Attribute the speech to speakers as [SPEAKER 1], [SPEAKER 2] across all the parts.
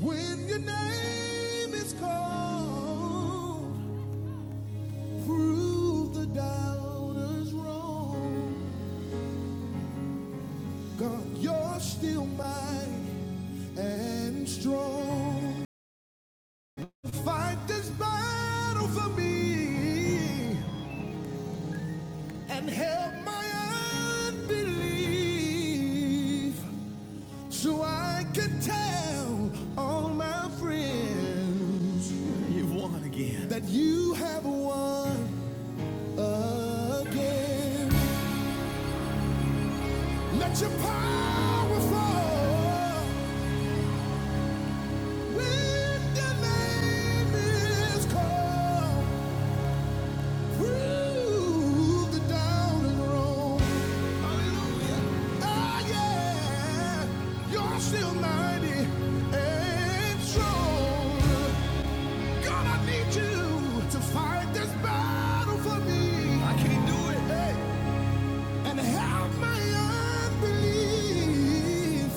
[SPEAKER 1] When your name is called, prove the doubters wrong. God, you're still mighty and strong. Fight this battle for me and help my unbelief so I can tell all my friends you've won again that you have won again. Let your power fall when your name is called. Prove the down and wrong. Hallelujah. Ah, yeah. You're still mighty and strong. God, I need you to fight this battle for me. I can't do it. Hey. and help my unbelief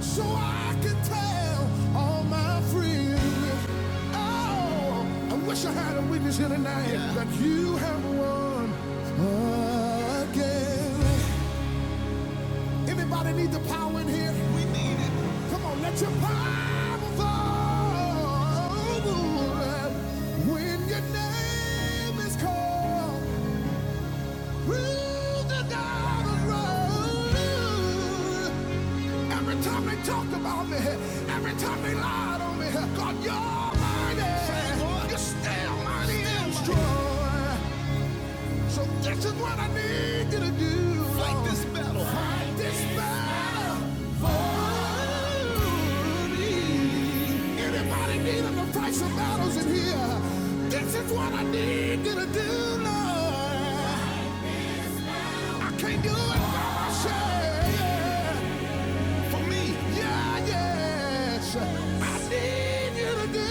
[SPEAKER 1] so I can tell all my friends. Oh, I wish I had a witness here tonight that you have won again. Anybody need the power in here? We need it. Come on, let your power fall when your name is called. Every time they talked about me, every time they lied on me, God, you're mighty. You're still mighty and strong. So this is what I need you to do. Fight this battle. Fight this battle for me. Anybody needing to fight some battles in here? This is what I need you to do, Lord. I can't do it by myself. Yeah, for me, yeah, yes. I need you to do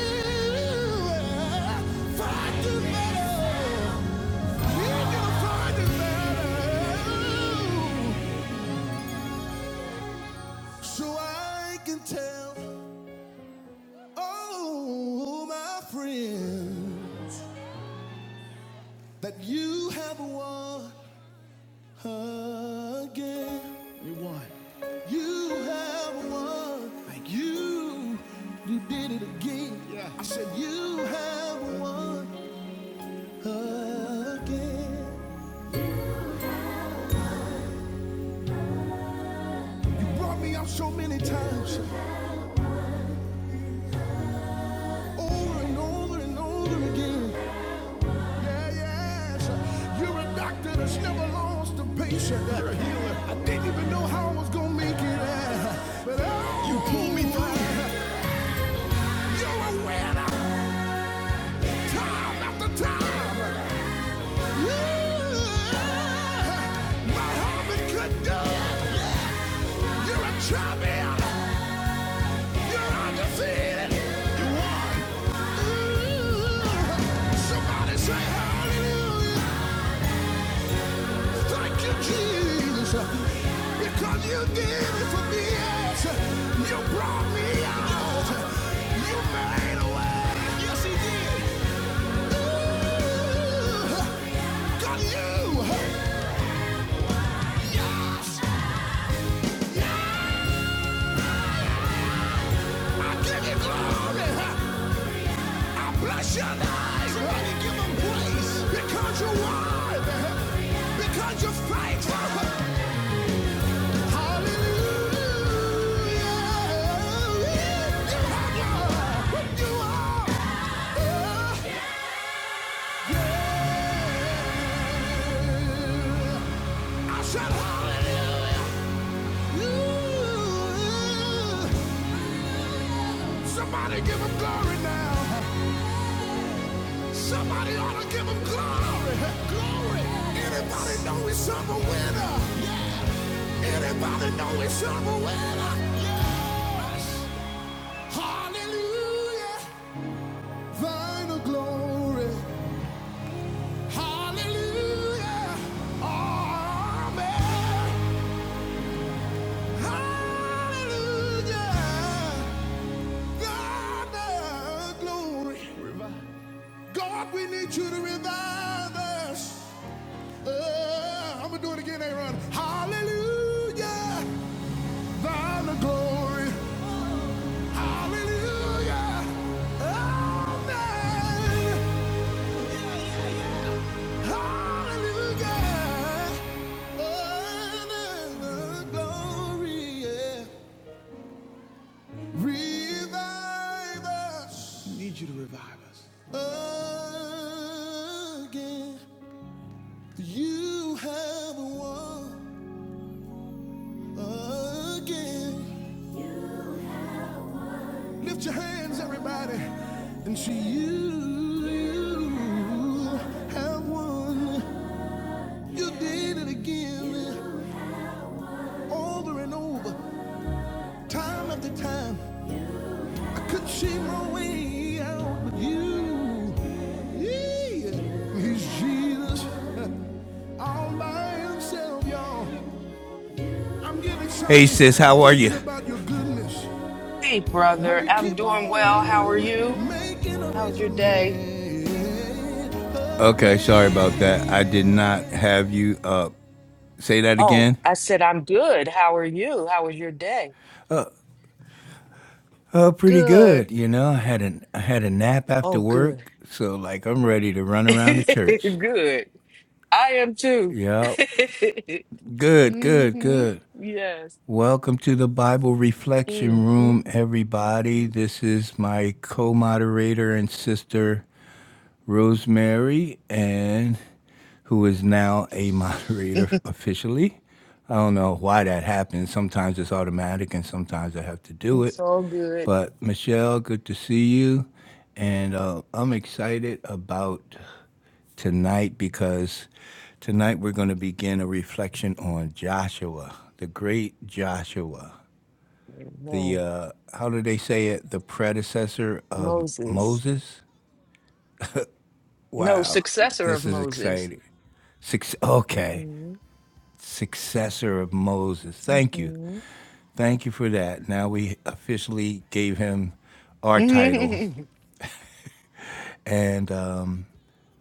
[SPEAKER 1] it. Find the metal. Need you to find the metal. So I can tell all my friends that you have won. again. You won. You have won. Thank you. You did it again. Yeah. I said you have won again. You brought me out so many times, over and over and over again. Yeah, yes. You're a doctor that's never lost a patient. You're a healer. I didn't even know how I was gonna make it, uh, but oh, you pulled me through. You're a winner. Time after time. ooh, My heart been condemned. You're a champion. You're undefeated. You won. Ooh. Somebody say hallelujah. Thank you, Jesus. Because you did it for me. Yes. You brought me out. You made a way. Yes, he did. Ooh. Got you. Yes. I give you glory. I bless your name. Somebody give him praise because you're worthy. Because you're faithful. Hallelujah. You have What you are. Oh, yeah. I said hallelujah. Somebody give him glory now. Somebody ought to give him glory. Glory. Anybody know he's up a winner? Yeah. Anybody know he's up a winner? Yes. Hallelujah. Thine the glory. Hallelujah. Amen. Hallelujah. Thine the glory. Revive. God, we need you to revive us. Uh, I'm gonna do it again, Aaron. Hallelujah, thine the glory. Hallelujah, amen. Yeah, yeah, yeah. Hallelujah, oh, thine the glory. Yeah. Revive us. We need you to revive us Oh, again. You have won. again. Lift your hands, everybody, and see you. You have won. You did it again, over and over, time after time. I could see my way out, but you, yeah, he's Jesus all by himself, y'all. I'm getting excited. Hey sis, how are you? about your goodness.
[SPEAKER 2] Hey,
[SPEAKER 1] How
[SPEAKER 2] brother.
[SPEAKER 1] you
[SPEAKER 2] I'm
[SPEAKER 1] keep
[SPEAKER 2] doing well. How are
[SPEAKER 1] on
[SPEAKER 2] you?
[SPEAKER 1] making a
[SPEAKER 2] How
[SPEAKER 1] way
[SPEAKER 2] was your
[SPEAKER 1] for
[SPEAKER 2] day?
[SPEAKER 1] me? Okay, sorry about that. I did not have you up. Say that
[SPEAKER 2] Oh,
[SPEAKER 1] again.
[SPEAKER 2] I said I'm good. How are you? How was your day?
[SPEAKER 1] Oh, pretty
[SPEAKER 2] Good.
[SPEAKER 1] good. You know, I had an I had a nap after
[SPEAKER 2] Oh, good.
[SPEAKER 1] work, so like I'm ready to run around the church.
[SPEAKER 2] Good. I am too.
[SPEAKER 1] Yep. Good, good,
[SPEAKER 2] hmm
[SPEAKER 1] good.
[SPEAKER 2] Yes.
[SPEAKER 1] Welcome to the Bible
[SPEAKER 2] hmm
[SPEAKER 1] Reflection Room, everybody. This is my co-moderator and sister Rosemary, and who is now a moderator officially. I don't know why that happens. Sometimes it's automatic and sometimes I have to do it.
[SPEAKER 2] It's all good.
[SPEAKER 1] But Michelle, good to see you. And uh, I'm excited about tonight because tonight we're going to begin a reflection on Joshua, the great Joshua, the,
[SPEAKER 2] No,
[SPEAKER 1] uh, how do they say it, the predecessor of
[SPEAKER 2] Moses.
[SPEAKER 1] Moses?
[SPEAKER 2] No,
[SPEAKER 1] Wow,
[SPEAKER 2] successor of
[SPEAKER 1] this is
[SPEAKER 2] Moses.
[SPEAKER 1] exciting. Six, okay.
[SPEAKER 2] hmm
[SPEAKER 1] successor of Moses. Thank you.
[SPEAKER 2] hmm
[SPEAKER 1] Thank you for that. Now we officially gave him our title. And um,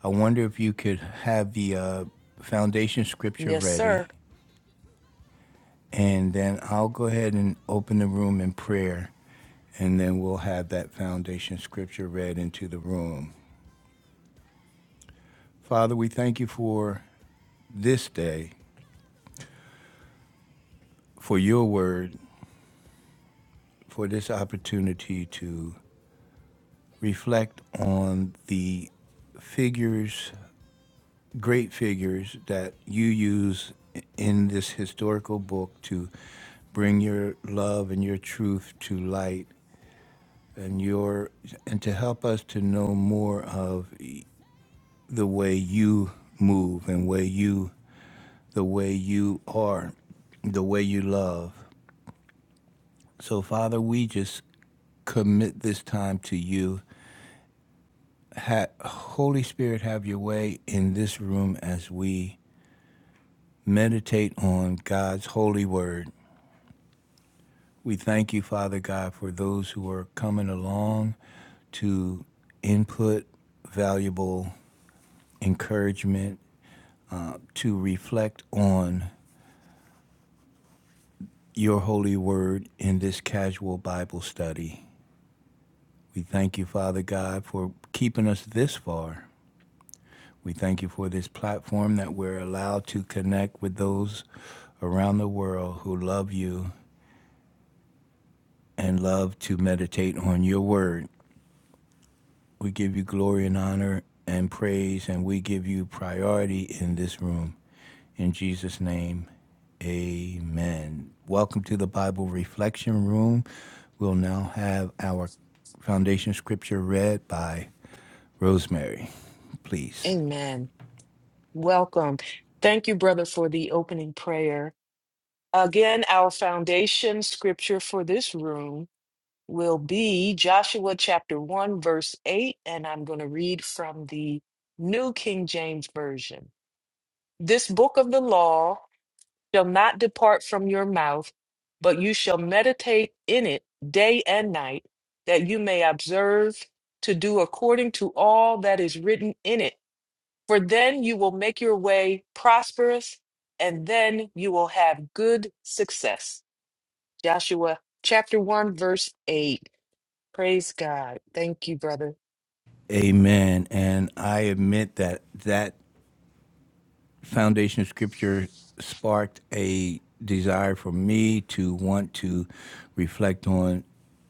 [SPEAKER 1] I wonder if you could have the uh, foundation scripture
[SPEAKER 2] yes, sir.
[SPEAKER 1] ready. And then I'll go ahead and open the room in prayer. And then we'll have that foundation scripture read into the room. Father, we thank you for this day, for your word, for this opportunity to reflect on the figures great figures that you use in this historical book to bring your love and your truth to light and your and to help us to know more of the way you move and way you the way you are the way you love so father we just commit this time to you. Ha- Holy Spirit, have your way in this room as we meditate on God's holy word. We thank you, Father God, for those who are coming along to input valuable encouragement, uh, to reflect on your holy word in this casual Bible study. We thank you, Father God, for keeping us this far. We thank you for this platform that we're allowed to connect with those around the world who love you and love to meditate on your word. We give you glory and honor and praise, and we give you priority in this room. In Jesus' name, amen. Welcome to the Bible Reflection Room. We'll now have our foundation scripture read by Rosemary, please.
[SPEAKER 2] Amen. Welcome. Thank you, brother, for the opening prayer. Again, our foundation scripture for this room will be Joshua chapter 1, verse 8, and I'm going to read from the New King James Version. This book of the law shall not depart from your mouth, but you shall meditate in it day and night, that you may observe to do according to all that is written in it. For then you will make your way prosperous, and then you will have good success. Joshua chapter 1, verse 8. Praise God. Thank you, brother.
[SPEAKER 1] Amen. And I admit that that foundation scripture sparked a desire for me to want to reflect on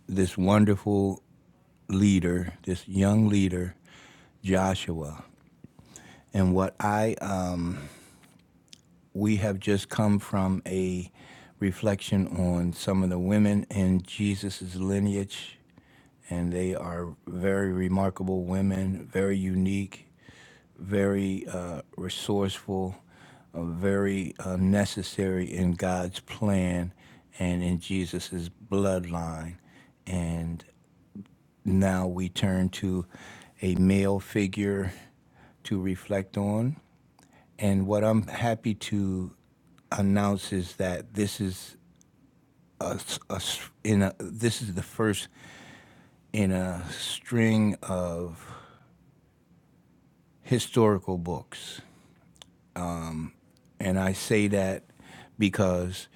[SPEAKER 1] this wonderful leader, this young leader, Joshua. And what I, um, we have just come from a reflection on some of the women in Jesus' lineage, and they are very remarkable women, very unique, very uh, resourceful, uh, very uh, necessary in God's plan and in Jesus' bloodline. And Now we turn to a male figure to reflect on. And what I'm happy to announce is that this is a, s- a s- in a, this is the first in a string of historical books. And I say that because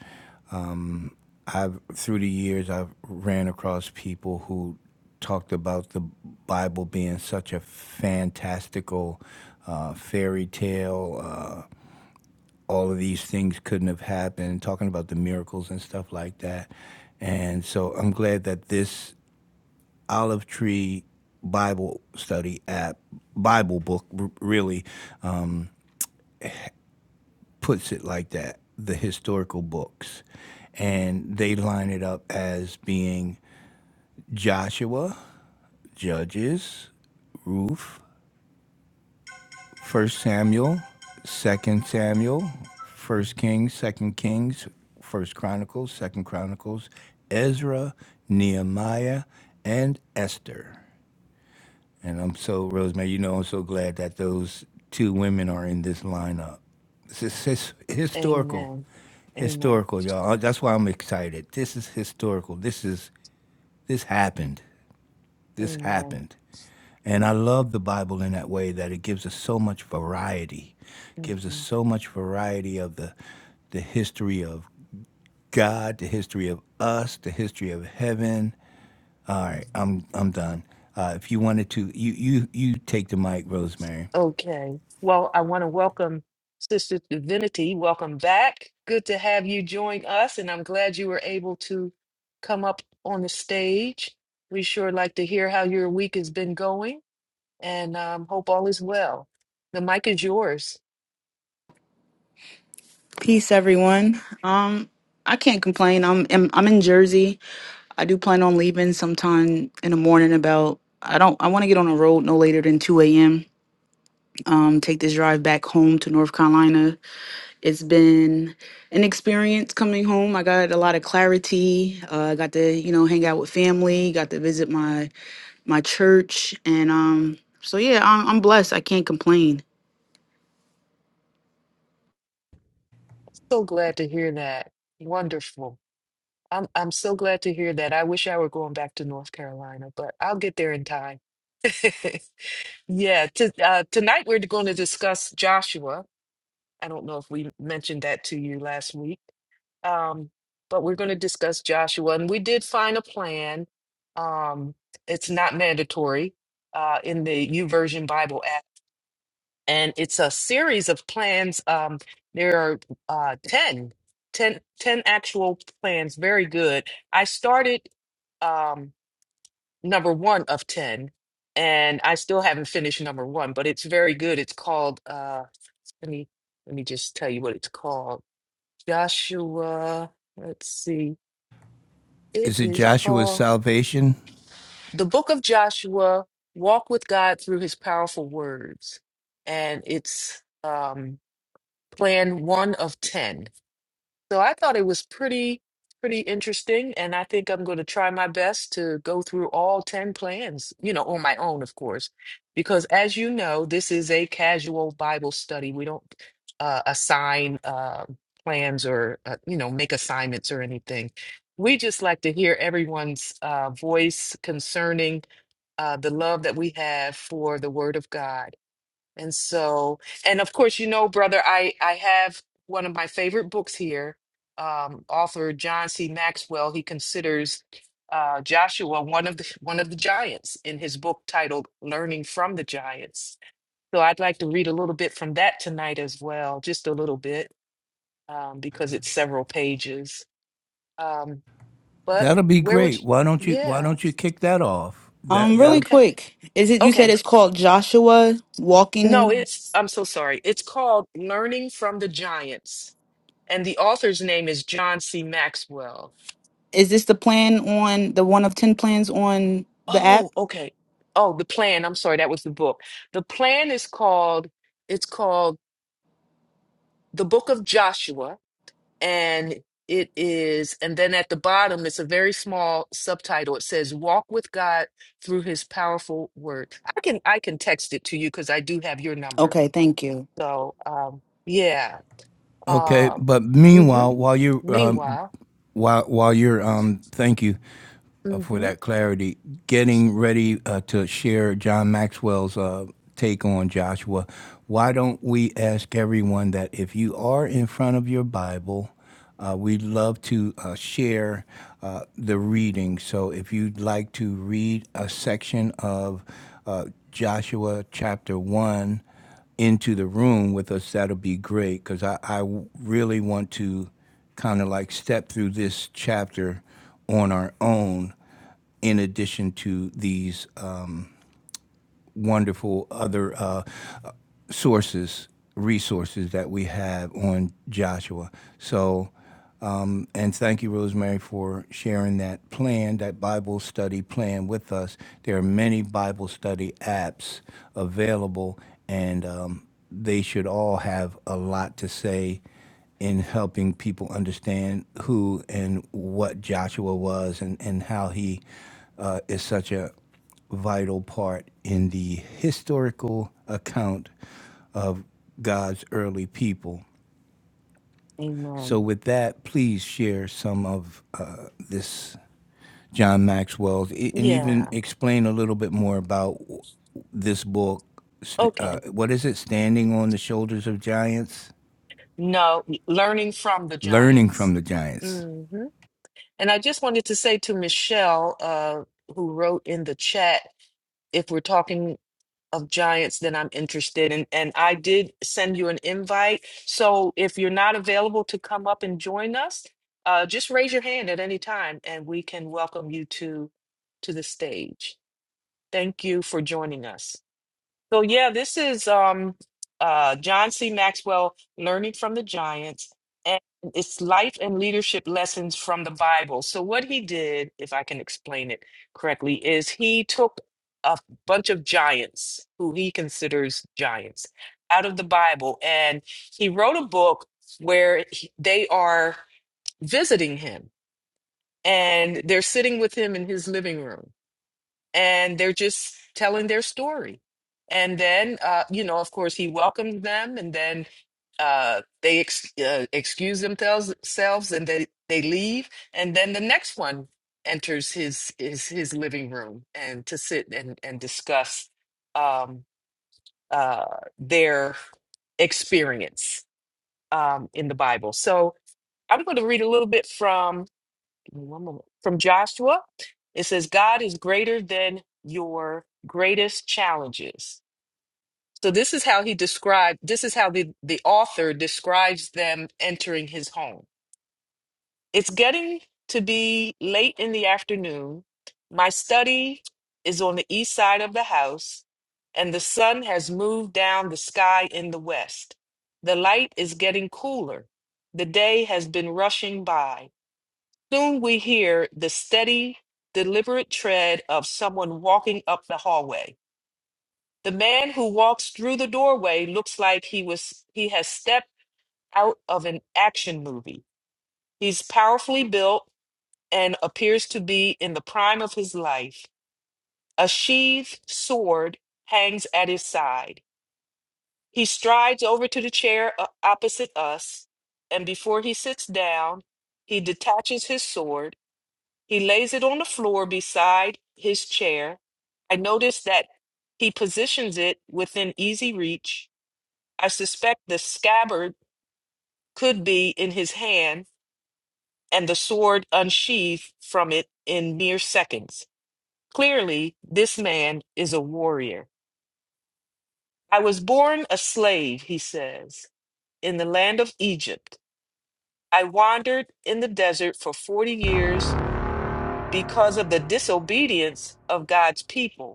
[SPEAKER 1] I've through the years I've ran across people who talked about the Bible being such a fantastical uh, fairy tale. Uh, all of these things couldn't have happened. Talking about the miracles and stuff like that. And so I'm glad that this Olive Tree Bible study app, Bible book, r- really um, puts it like that the historical books. And they line it up as being Joshua, Judges, Ruth, First Samuel, Second Samuel, First Kings, Second Kings, First Chronicles, Second Chronicles, Ezra, Nehemiah, and Esther. And I'm so Rosemary, you know, I'm so glad that those two women are in this lineup. This is his, historical,
[SPEAKER 2] Amen. Amen.
[SPEAKER 1] historical, y'all. That's why I'm excited. This is historical. This is this happened. This
[SPEAKER 2] Amen.
[SPEAKER 1] happened. And I love the Bible in that way that it gives us so much variety, it gives us
[SPEAKER 2] hmm
[SPEAKER 1] so much variety of the the history of God, the history of us, the history of heaven. All right, I'm I'm done. Uh, if you wanted to, you you you take the mic, Rosemary.
[SPEAKER 2] Okay. Well, I want to welcome Sister Divinity. Welcome back. Good to have you join us, and I'm glad you were able to come up on the stage. We sure like to hear how your week has been going. and um, hope all is well. The mic is yours.
[SPEAKER 3] Peace, everyone. Um, I can't complain. I'm, I'm I'm in Jersey. I do plan on leaving sometime in the morning. About I don't I want to get on the road no later than two a.m. Um, take this drive back home to North Carolina. It's been an experience coming home. I got a lot of clarity. Uh, I got to you know hang out with family. Got to visit my my church, and um, so yeah, I'm, I'm blessed. I can't complain.
[SPEAKER 2] So glad to hear that. Wonderful. I'm I'm so glad to hear that. I wish I were going back to North Carolina, but I'll get there in time. Yeah, to, uh, tonight we're going to discuss Joshua. I don't know if we mentioned that to you last week, um, but we're going to discuss Joshua, and we did find a plan. Um, it's not mandatory uh, in the YouVersion Bible app and it's a series of plans. Um, there are uh, 10, ten, ten actual plans. Very good. I started um, number one of 10, and I still haven't finished number one, but it's very good. It's called, uh, let me, let me just tell you what it's called. Joshua, let's see. It
[SPEAKER 1] Is it
[SPEAKER 2] is
[SPEAKER 1] Joshua's
[SPEAKER 2] called
[SPEAKER 1] salvation?
[SPEAKER 2] The Book of Joshua, Walk with God Through His Powerful Words. And it's, um plan one of 10. So I thought it was pretty, pretty interesting. And I think I'm going to try my best to go through all 10 plans, you know, on my own, of course, because as you know, this is a casual Bible study. We don't uh, assign uh, plans or, uh, you know, make assignments or anything. We just like to hear everyone's uh, voice concerning uh, the love that we have for the Word of God. And so, and of course, you know, brother, I I have one of my favorite books here. Um, author John C. Maxwell, he considers uh, Joshua one of the one of the giants in his book titled "Learning from the Giants." So I'd like to read a little bit from that tonight as well, just a little bit, um, because it's several pages. Um, but
[SPEAKER 1] That'll be
[SPEAKER 2] where would
[SPEAKER 1] great. Why
[SPEAKER 2] you?
[SPEAKER 1] don't you Why
[SPEAKER 2] Yeah.
[SPEAKER 1] don't you kick that off?
[SPEAKER 3] Um,
[SPEAKER 1] That
[SPEAKER 3] really
[SPEAKER 1] that'll
[SPEAKER 2] Okay.
[SPEAKER 3] quick, is it you said
[SPEAKER 2] Okay.
[SPEAKER 3] it's called Joshua
[SPEAKER 2] No,
[SPEAKER 3] Walking?
[SPEAKER 2] it's. I'm so sorry. It's called "Learning from the Giants." And the author's name is John C. Maxwell.
[SPEAKER 3] Is this the plan on the one of 10 plans on the app?
[SPEAKER 2] Oh, okay. Oh, the plan. I'm sorry, that was the book. The plan is called, it's called The Book of Joshua. And it is, and then at the bottom, it's a very small subtitle. It says, Walk with God through his powerful word. I can I can text it to you because I do have your number.
[SPEAKER 3] Okay, thank you.
[SPEAKER 2] So um yeah.
[SPEAKER 1] okay.
[SPEAKER 2] Um
[SPEAKER 1] But
[SPEAKER 2] hmm
[SPEAKER 1] meanwhile, while you're um,
[SPEAKER 2] meanwhile.
[SPEAKER 1] while while you're um, thank you uh, for
[SPEAKER 2] hmm
[SPEAKER 1] that clarity. Getting ready uh, to share John Maxwell's uh, take on Joshua. Why don't we ask everyone that if you are in front of your Bible, uh, we'd love to uh, share uh, the reading. So if you'd like to read a section of uh, Joshua chapter one into the room with us, that'll be great because I I really want to kind of like step through this chapter on our own in addition to these uh, wonderful other uh, uh, sources, resources that we have on Joshua. So um, and thank you, Rosemary, for sharing that plan, that Bible study plan with us. There are many Bible study apps available, and um, they should all have a lot to say in helping people understand who and what Joshua was and, and how he uh, is such a vital part in the historical account of God's early people.
[SPEAKER 2] Amen.
[SPEAKER 1] So, with that, please share some of uh, this John Maxwell's e- and even
[SPEAKER 2] Yeah.
[SPEAKER 1] explain a little bit more about this book.
[SPEAKER 2] Okay.
[SPEAKER 1] Uh, what is it? Standing on the Shoulders of Giants?
[SPEAKER 2] No, learning from the
[SPEAKER 1] Learning
[SPEAKER 2] giants.
[SPEAKER 1] from the Giants.
[SPEAKER 2] hmm And I just wanted to say to Michelle, uh, who wrote in the chat, if we're talking of giants, then I'm interested. And and I did send you an invite. So if you're not available to come up and join us, uh, just raise your hand at any time, and we can welcome you to to the stage. Thank you for joining us. So yeah, this is um uh John C. Maxwell learning from the giants and it's life and leadership lessons from the Bible. So what he did, if I can explain it correctly, is he took a bunch of giants who he considers giants out of the Bible and he wrote a book where he- they are visiting him and they're sitting with him in his living room and they're just telling their story. And then, uh, you know, of course, he welcomed them, and then uh, they ex- uh, excuse themselves, selves and they, they leave. And then the next one enters his his, his living room and to sit and and discuss um, uh, their experience um, in the Bible. So I'm going to read a little bit from one moment. From Joshua, it says, God is greater than your greatest challenges. So this is how he described, this is how the, the author describes them entering his home. It's getting to be late in the afternoon. My study is on the east side of the house, and the sun has moved down the sky in the west. The light is getting cooler. The day has been rushing by. Soon we hear the steady, deliberate tread of someone walking up the hallway. The man who walks through the doorway looks like he was he has stepped out of an action movie. He's powerfully built and appears to be in the prime of his life. A sheathed sword hangs at his side. He strides over to the chair uh, opposite us, and before he sits down, he detaches his sword He lays it on the floor beside his chair. I notice that he positions it within easy reach. I suspect the scabbard could be in his hand and the sword unsheathed from it in mere seconds. Clearly, this man is a warrior. I was born a slave, he says, in the land of Egypt. I wandered in the desert for 40 years because of the disobedience of God's people.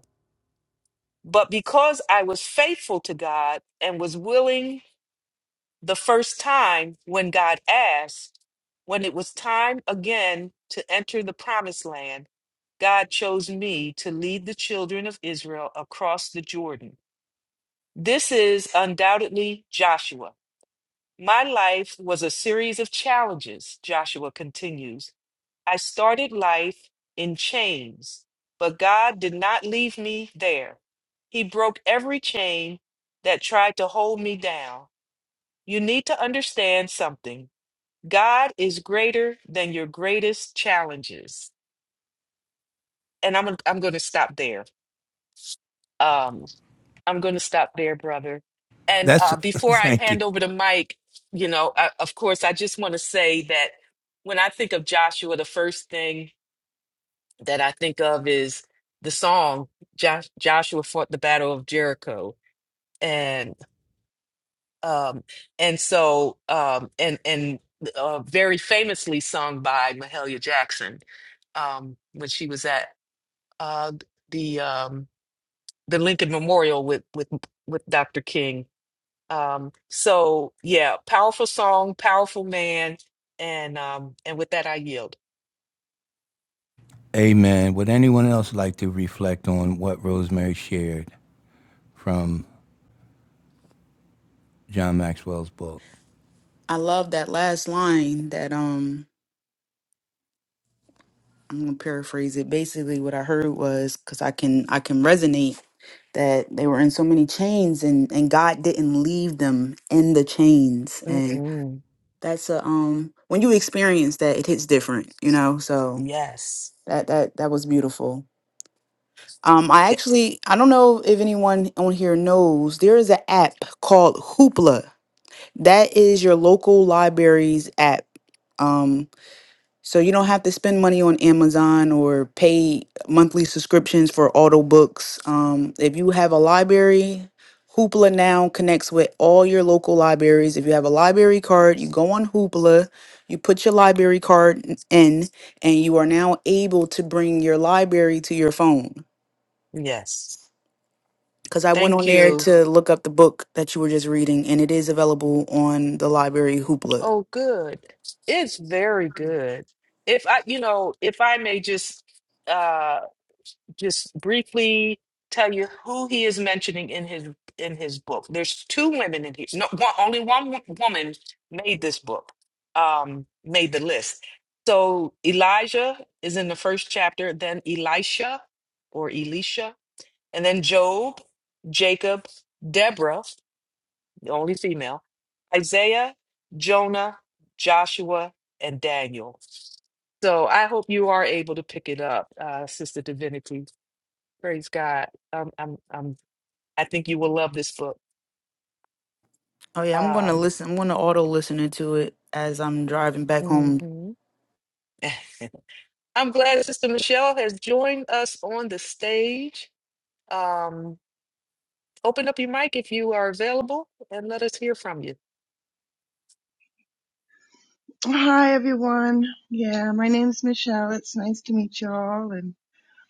[SPEAKER 2] But because I was faithful to God and was willing the first time when God asked, when it was time again to enter the promised land, God chose me to lead the children of Israel across the Jordan. This is undoubtedly Joshua. My life was a series of challenges, Joshua continues. I started life in chains, but God did not leave me there. He broke every chain that tried to hold me down. You need to understand something. God is greater than your greatest challenges. And I'm I'm going to stop there. Um I'm going to stop there, brother. And
[SPEAKER 1] That's,
[SPEAKER 2] uh before I
[SPEAKER 1] thank you.
[SPEAKER 2] hand over the mic, you know, I, of course I just want to say that when I think of Joshua, the first thing that I think of is the song Josh, Joshua fought the battle of Jericho and um and so um and and uh, very famously sung by Mahalia Jackson um when she was at uh the um the Lincoln Memorial with with with Dr. King um so yeah powerful song powerful man and um and with that I yield
[SPEAKER 1] Amen. Would anyone else like to reflect on what Rosemary shared from John Maxwell's book?
[SPEAKER 3] I love that last line that um I'm going to paraphrase it. Basically what I heard was cuz I can I can resonate that they were in so many chains and and God didn't leave them in the chains and
[SPEAKER 2] Mm-mm.
[SPEAKER 3] that's a um when you experience that it hits different, you know? So
[SPEAKER 2] yes
[SPEAKER 3] that that that was beautiful. Um, I
[SPEAKER 2] Y-
[SPEAKER 3] actually I don't know if anyone on here knows there is an app called Hoopla. That is your local library's app. Um, so you don't have to spend money on Amazon or pay monthly subscriptions for auto books. Um, if you have a library, Hoopla now connects with all your local libraries. If you have a library card, you go on Hoopla, you put your library card n- in, and you are now able to bring your library to your phone.
[SPEAKER 2] yes
[SPEAKER 3] Because I went on
[SPEAKER 2] thank
[SPEAKER 3] there
[SPEAKER 2] you
[SPEAKER 3] to look up the book that you were just reading, and it is available on the library Hoopla.
[SPEAKER 2] Oh, good. It's very good. If I, you know, if I may just uh just briefly tell you who he is mentioning in his in his book. There's two women in here. No, one, only one wo- woman made this book. Um made the list. So Elijah is in the first chapter, then Elisha or Elisha, and then Job, Jacob, Deborah the only female, Isaiah, Jonah, Joshua, and Daniel. So I hope you are able to pick it up, uh, Sister Divinity. Praise God. Um, I'm, I'm, I think you will love this book.
[SPEAKER 3] Oh yeah, I'm gonna
[SPEAKER 2] Um,
[SPEAKER 3] listen. I'm gonna auto listening to it as I'm driving back home.
[SPEAKER 2] mhm. I'm glad Sister Michelle has joined us on the stage. Um, open up your mic if you are available and let us hear from
[SPEAKER 4] Hi everyone. Yeah, my name's Michelle. It's nice to meet you all and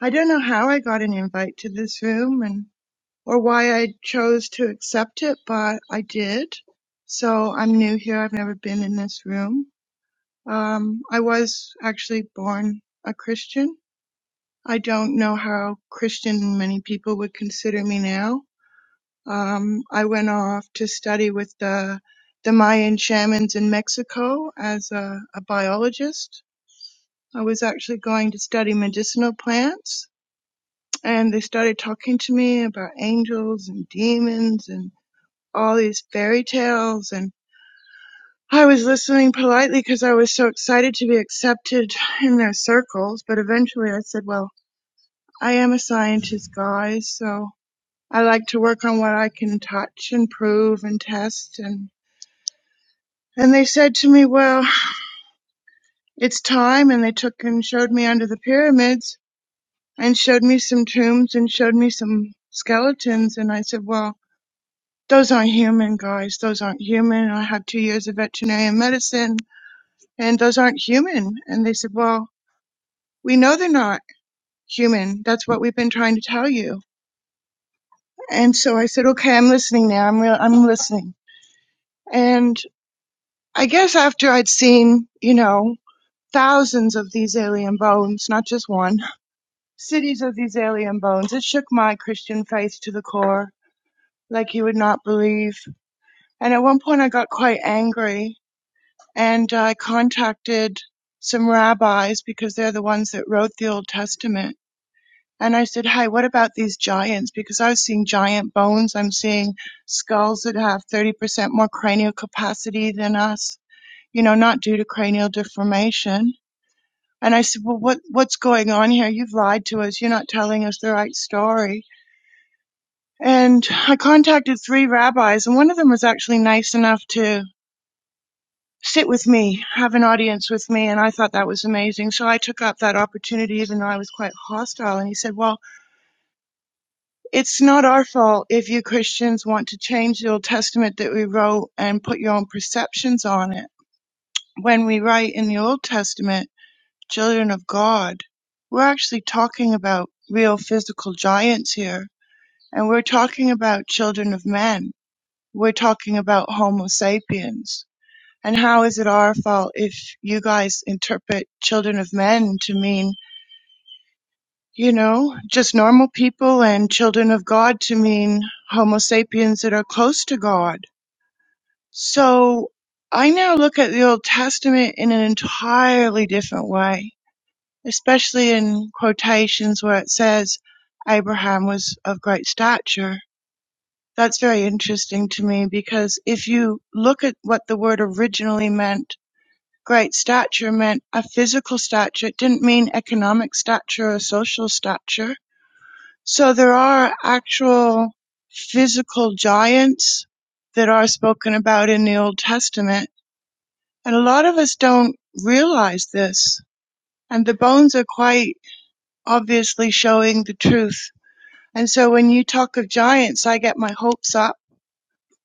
[SPEAKER 4] I don't know how I got an invite to this room and or why I chose to accept it, but I did. So I'm new here. I've never been in this room. Um I was actually born a Christian. I don't know how Christian many people would consider me now. Um I went off to study with the the Mayan shamans in Mexico as a, a biologist I was actually going to study medicinal plants, and they started talking to me about angels and demons and all these fairy tales. And I was listening politely because I was so excited to be accepted in their circles. But eventually I said, Well, I am a scientist, guys, so I like to work on what I can touch and prove and test. And, and they said to me, Well, it's time. And they took and showed me under the pyramids and showed me some tombs and showed me some skeletons. And I said, Well, those aren't human, guys. Those aren't human. I had two years of veterinary medicine, and those aren't human. And they said, Well, we know they're not human. That's what we've been trying to tell you. And so I said, Okay, I'm listening now. I'm real. I'm listening. And I guess after I'd seen, you know, thousands of these alien bones, not just one, cities of these alien bones, it shook my Christian faith to the core like you would not believe. And at one point, I got quite angry and I contacted some rabbis because they're the ones that wrote the Old Testament. And I said, Hey, what about these giants? Because I was seeing giant bones. I'm seeing skulls that have 30% more cranial capacity than us, you know, not due to cranial deformation. And I said, Well, what, what's going on here? You've lied to us. You're not telling us the right story. And I contacted three rabbis, and one of them was actually nice enough to sit with me, have an audience with me. And I thought that was amazing. So I took up that opportunity, even though I was quite hostile. And he said, well, it's not our fault if you Christians want to change the Old Testament that we wrote and put your own perceptions on it. When we write in the Old Testament, children of God, we're actually talking about real physical giants here. And we're talking about children of men. We're talking about Homo sapiens And how is it our fault if you guys interpret children of men to mean, you know, just normal people and children of God to mean Homo sapiens that are close to God? So I now look at the Old Testament in an entirely different way, especially in quotations where it says Abraham was of great stature. That's very interesting to me because if you look at what the word originally meant, great stature meant a physical stature. It didn't mean economic stature or social stature. So there are actual physical giants that are spoken about in the Old Testament. And a lot of us don't realize this. And the bones are quite obviously showing the truth. And so when you talk of giants, I get my hopes up.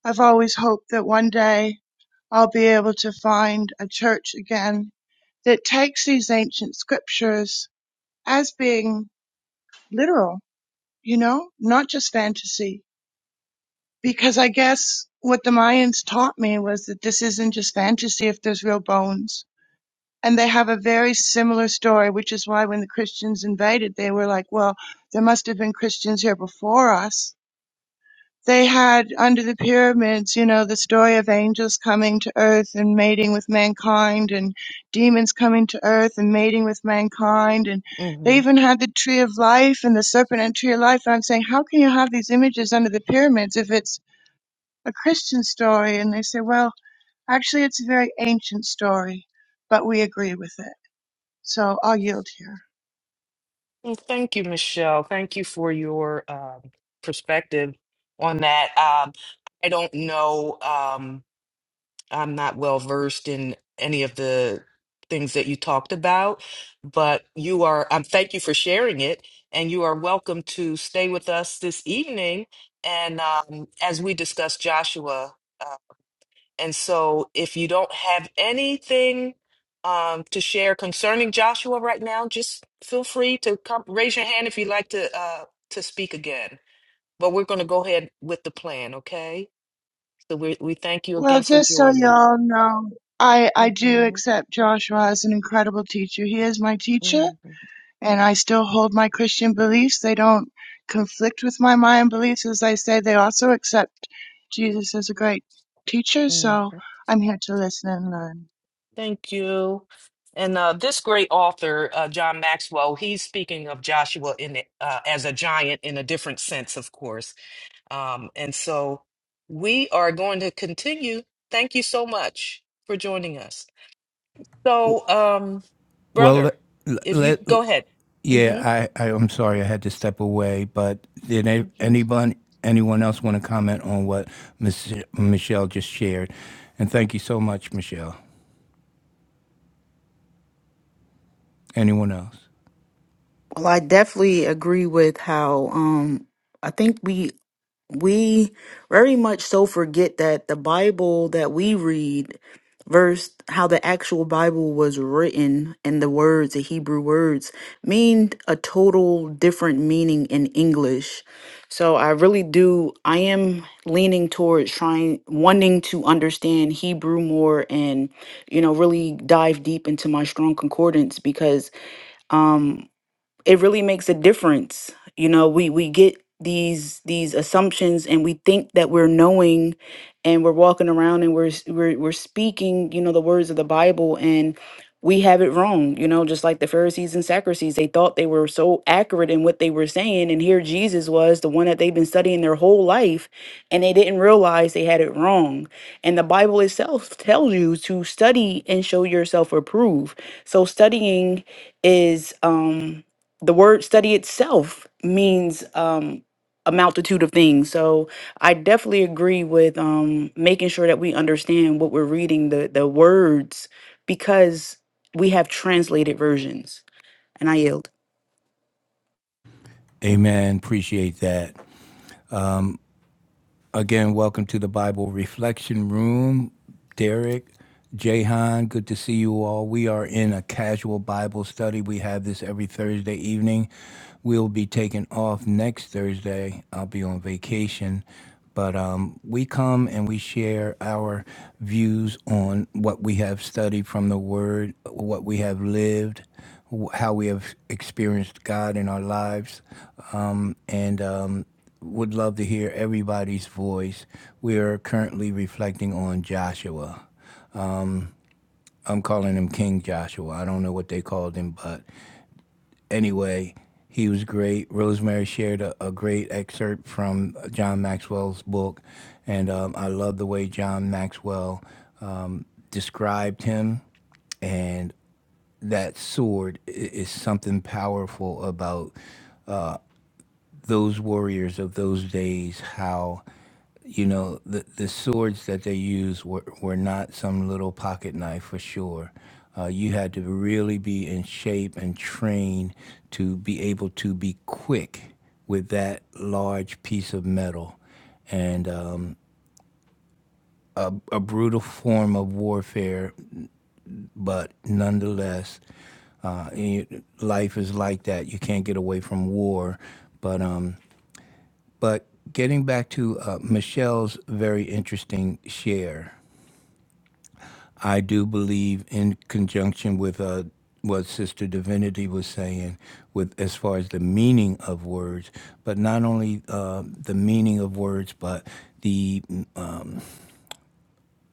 [SPEAKER 4] I've always hoped that one day I'll be able to find a church again that takes these ancient scriptures as being literal, you know, not just fantasy. Because I guess what the Mayans taught me was that this isn't just fantasy if there's real bones. And they have a very similar story, which is why when the Christians invaded, they were like, well, there must have been Christians here before us they had under the pyramids, you know, the story of angels coming to earth and mating with mankind and demons coming to earth and mating with mankind. And
[SPEAKER 2] you.
[SPEAKER 4] they even had the tree of life and the serpent and tree of life. And I'm saying, how can you have these images under the pyramids if it's a Christian story? And they say, well, actually, it's a very ancient story, but we agree with it. So I'll yield here.
[SPEAKER 2] Well, Thank you, Michelle. Thank you for your um, perspective on that. Um, I don't know. Um, I'm not well versed in any of the things that you talked about, but you are. Um, thank you for sharing it, and you are welcome to stay with us this evening. And um, as we discuss Joshua. uh, and so, if you don't have anything um, to share concerning Joshua right now, just feel free to come raise your hand if you'd like to uh, to speak again. But we're going to go ahead with the plan, okay? So we we thank you
[SPEAKER 4] Well,
[SPEAKER 2] again for
[SPEAKER 4] just so
[SPEAKER 2] joining.
[SPEAKER 4] y'all know, I, I do
[SPEAKER 2] hmm
[SPEAKER 4] accept Joshua as an incredible teacher. He is my
[SPEAKER 2] hmm
[SPEAKER 4] teacher and I still hold my Christian beliefs. They don't conflict with my Mayan beliefs. As I say, they also accept Jesus as a great teacher, so I'm here to listen and learn.
[SPEAKER 2] Thank you. And uh, this great author, uh, John Maxwell, he's speaking of Joshua in the, uh, as a giant in a different sense, of course Um, and so we are going to continue. Thank you so much for joining us.
[SPEAKER 1] W-
[SPEAKER 2] So, um,
[SPEAKER 1] Well,
[SPEAKER 2] brother, if you
[SPEAKER 1] let, let,
[SPEAKER 2] go ahead. hmm
[SPEAKER 1] Yeah, I, I I'm sorry I had to step away, but did a-
[SPEAKER 2] hmm
[SPEAKER 1] anyone anyone else want to comment on what Miss Michelle just shared? And thank you so much, Michelle. Anyone else?
[SPEAKER 3] Well, I definitely agree with how um I think we we very much so forget that the Bible that we read versus how the actual Bible was written and the words, the Hebrew words, mean a total different meaning in English. So I really do I am leaning towards trying wanting to understand Hebrew more and you know really dive deep into my strong concordance because um, it really makes a difference you know we we get these these assumptions and we think that we're knowing and we're walking around and we're s- we're, we're speaking you know the words of the bible and we have it wrong you know just like the pharisees and sadducees they thought they were so accurate in what they were saying and here jesus was the one that they've been studying their whole life and they didn't realize they had it wrong and the bible itself tells you to study and show yourself approved so studying is um the word study itself means um, a multitude of things. So I definitely agree with um, making sure that we understand what we're reading, the, the words, because we have translated versions. And I yield.
[SPEAKER 1] Amen. Appreciate that. Again, welcome to the Bible Reflection Room. Derek, Jahan, good to see you all. We are in a casual Bible study. We have this every Thursday evening. We'll be taking off next Thursday. I'll be on vacation. But um, we come and we share our views on what we have studied from the Word, what we have lived, wh- how we have experienced God in our lives. Um, and um, would love to hear everybody's voice. We are currently reflecting on Joshua. I'm calling him King Joshua. I don't know what they called him, but anyway, he was great. Rosemary shared a, a great excerpt from John Maxwell's book, and um, I love the way John Maxwell described him and that sword i- is something powerful about those warriors of those days how you know the the swords that they used were, were not some little pocket knife for sure uh, you had to really be in shape and trained to be able to be quick with that large piece of metal and um, a brutal form of warfare but nonetheless uh, you- life is like that you can't get away from war but um, but getting back to uh, Michelle's very interesting share I do believe, in conjunction with uh, what Sister Divinity was saying, with as far as the meaning of words, but not only uh, the meaning of words, but the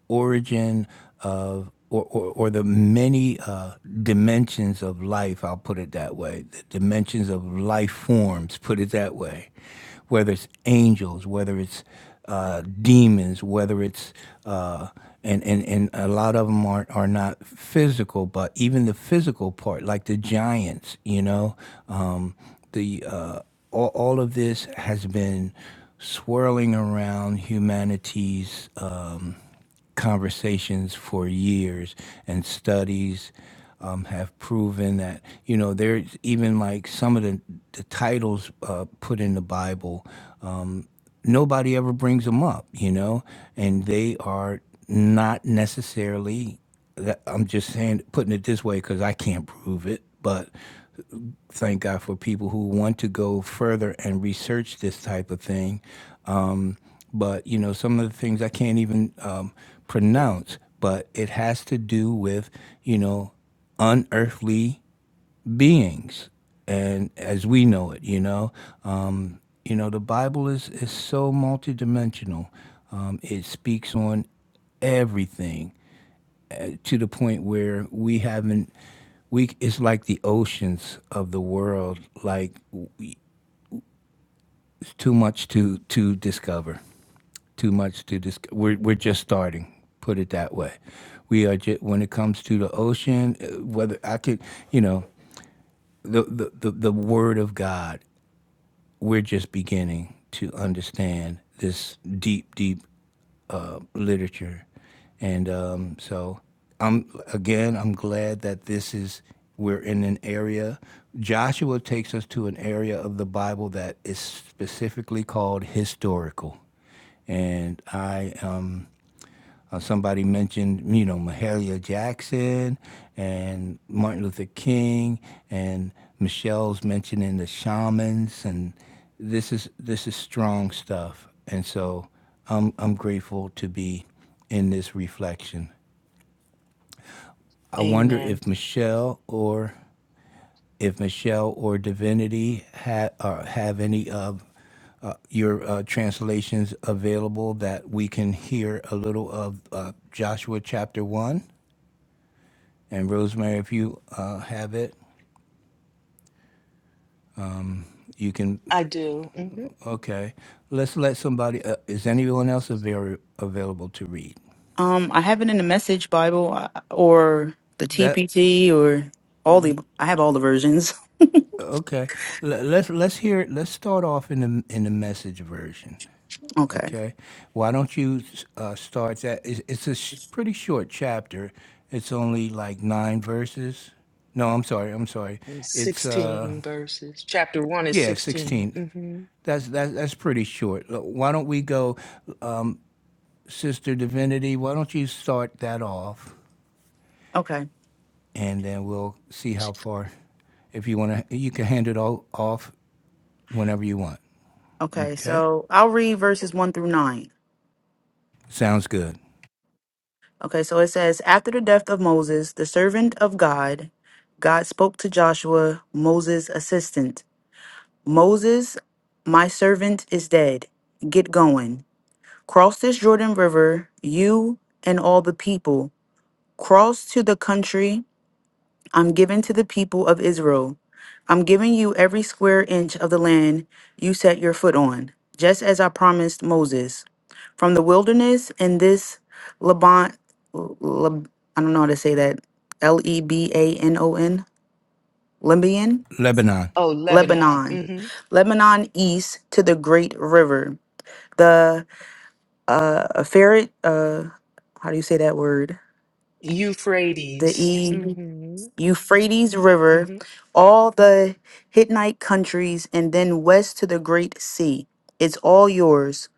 [SPEAKER 1] origin of or, or, or the many uh, dimensions of life, I'll put it that way, the dimensions of life forms, put it that way, whether it's angels, whether it's uh, demons, whether it's, uh, and, and, and a lot of them are, are not physical, but even the physical part, like the giants, you know, um, the, uh, all, all of this has been swirling around humanity's um, conversations for years, and studies um, have proven that you know there's even like some of the, the titles uh, put in the Bible. Uh, nobody ever brings them up, you know, and they are not necessarily. that- I'm just saying, putting it this way, because I can't prove it, but thank God for people who want to go further and research this type of thing. Um, but you know, some of the things I can't even um, pronounce, but it has to do with you know unearthly beings, and as we know it, you know, um, you know, the Bible is is so multidimensional. Um, it speaks on everything to the point where we haven't we it's like the oceans of the world like it's too much to to discover too much to dis we're, we're just starting put it that way we are just when it comes to the ocean uh, whether i could you know the the, the, the word of god we're just beginning to understand this deep deep uh, literature. And um, so I'm again, I'm glad that this is we're in an area. Joshua takes us to an area of the Bible that is specifically called historical, and I am uh, somebody mentioned, you know, Mahalia Jackson and Martin Luther King, and Michelle's mentioning the shamans, and this is this is strong stuff. And so, I'm I'm grateful to be in this reflection. I wonder
[SPEAKER 2] Amen.
[SPEAKER 1] if Michelle or if Michelle or Divinity ha- uh, have any of uh, your uh, translations available that we can hear a little of uh, Joshua chapter one. And Rosemary, if you uh, have it, you can.
[SPEAKER 2] I do. hmm
[SPEAKER 1] Okay, let's let somebody. Uh, is anyone else avail- available to read
[SPEAKER 3] Um, I have it in the Message Bible uh, or the
[SPEAKER 1] that?
[SPEAKER 3] TPT or all the, I have all the versions.
[SPEAKER 1] Okay, Let- let's let's hear. it. Let's start off in the in the message version.
[SPEAKER 3] Okay.
[SPEAKER 1] Okay, why don't you uh, start that? It's, it's a sh- pretty short chapter. It's only like nine verses. No, I'm sorry. I'm sorry.
[SPEAKER 2] It's
[SPEAKER 1] It's uh
[SPEAKER 2] 16 verses. Chapter 1 is
[SPEAKER 1] yeah,
[SPEAKER 2] 16.
[SPEAKER 1] 16.
[SPEAKER 2] hmm
[SPEAKER 1] That's that's that's pretty short. Look, Why don't we go? Sister Divinity, why don't you start that off,
[SPEAKER 3] Okay.
[SPEAKER 1] and then we'll see how far. If you want to, you can hand it all off whenever you want.
[SPEAKER 3] Okay.
[SPEAKER 1] Okay,
[SPEAKER 3] So I'll read verses one through nine.
[SPEAKER 1] sounds good.
[SPEAKER 3] Okay, so it says, after the death of Moses, the servant of God, God spoke to Joshua, Moses' assistant. Moses, my servant, is dead. Get going. Cross this Jordan River, you and all the people. Cross to the country I'm giving to the people of Israel. I'm giving you every square inch of the land you set your foot on, just as I promised Moses from the wilderness and this Laban, Leb- I don't know how to say that, L E B A N O N, Lebanon,
[SPEAKER 1] Lebanon.
[SPEAKER 2] Oh, Lebanon.
[SPEAKER 3] Lebanon,
[SPEAKER 2] hmm
[SPEAKER 3] Lebanon east to the great river. The uh, ferret, uh, how do you say that word? The
[SPEAKER 2] Euphrates.
[SPEAKER 3] e
[SPEAKER 2] hmm
[SPEAKER 3] Euphrates River,
[SPEAKER 2] hmm
[SPEAKER 3] all the Hittite countries, and then west to the great sea. It's all yours,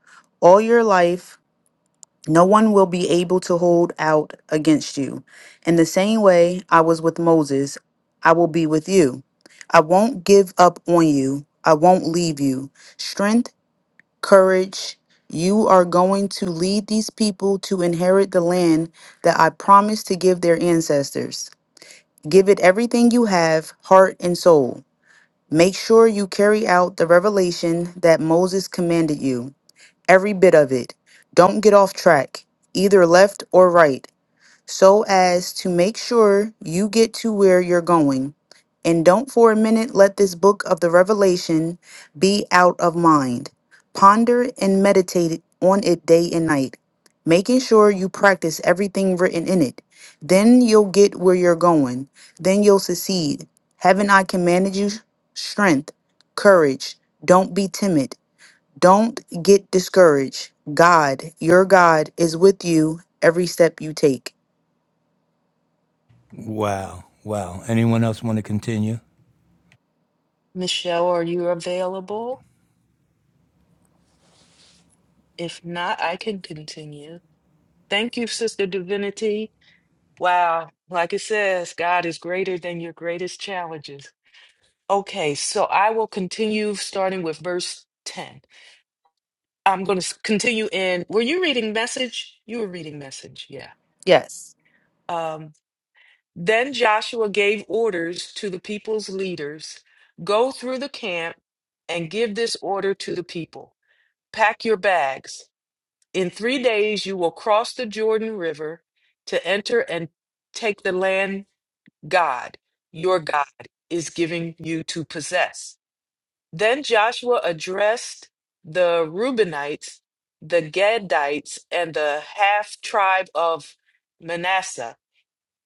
[SPEAKER 3] all your life, No one will be able to hold out against you. In the same way I was with Moses, I will be with you. I won't give up on you. I won't leave you. Strength, courage. You are going to lead these people to inherit the land that I promised to give their ancestors. Give it everything you have, heart and soul. Make sure you carry out the revelation that Moses commanded you every bit of it. Don't get off track, either left or right, so as to make sure you get to where you're going. And don't for a minute let this book of the Revelation be out of mind. Ponder and meditate on it day and night, making sure you practice everything written in it. Then you'll get where you're going. Then you'll succeed. Haven't I commanded you strength, courage? Don't be timid. Don't get discouraged. God, your God, is with you every step you take.
[SPEAKER 1] Wow, wow. Anyone else want to continue?
[SPEAKER 2] Michelle, are you available? If not, I can continue. Thank you, Sister Divinity. Wow, like it says, God is greater than your greatest challenges. Okay, so I will continue starting with verse 10. I'm going to continue in. Were you reading message? You were reading message, yeah.
[SPEAKER 3] Yes.
[SPEAKER 2] Um, then Joshua gave orders to the people's leaders go through the camp and give this order to the people pack your bags. In three days, you will cross the Jordan River to enter and take the land God, your God, is giving you to possess. Then Joshua addressed the Reubenites, the Gadites, and the half tribe of Manasseh.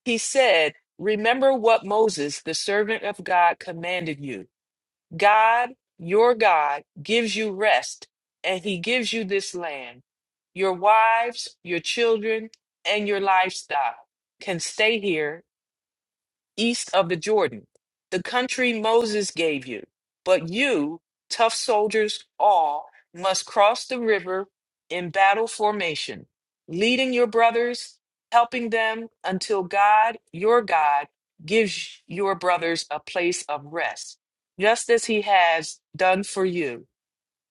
[SPEAKER 2] He said, Remember what Moses, the servant of God, commanded you. God, your God, gives you rest, and he gives you this land. Your wives, your children, and your livestock can stay here east of the Jordan, the country Moses gave you. But you, tough soldiers all, must cross the river in battle formation, leading your brothers, helping them until God, your God, gives your brothers a place of rest, just as he has done for you.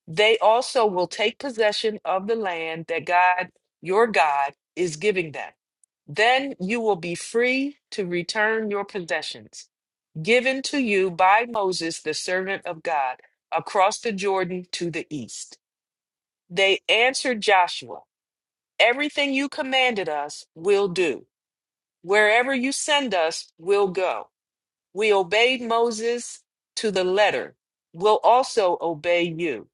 [SPEAKER 2] They also will take possession of the land that God, your God, is giving them then you will be free to return your possessions, given to you by Moses, the servant of God, across the Jordan to the east. They answered Joshua, Everything you commanded us, will do. Wherever you send us, we'll go. We obeyed Moses to the letter. We'll also obey you.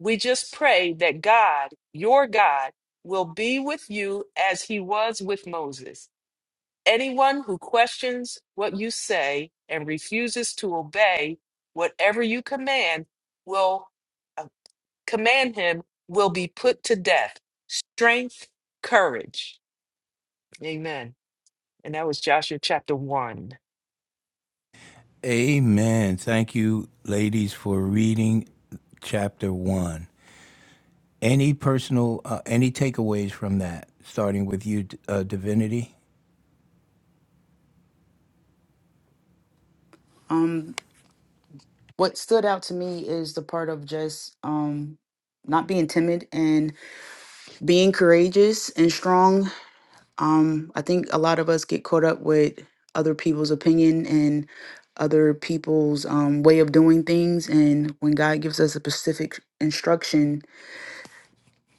[SPEAKER 2] We just pray that God, your God, will be with you as he was with Moses Anyone who questions what you say and refuses to obey whatever you command will uh, command him will be put to death. Strength, courage. Amen. And that was Joshua chapter 1.
[SPEAKER 1] Amen. Thank you, ladies, for reading chapter one. Any personal, uh, any takeaways from that? Starting with you, uh, Divinity.
[SPEAKER 3] Um what stood out to me is the part of just um not being timid and being courageous and strong. Um I think a lot of us get caught up with other people's opinion and other people's um, way of doing things and when god gives us a specific instruction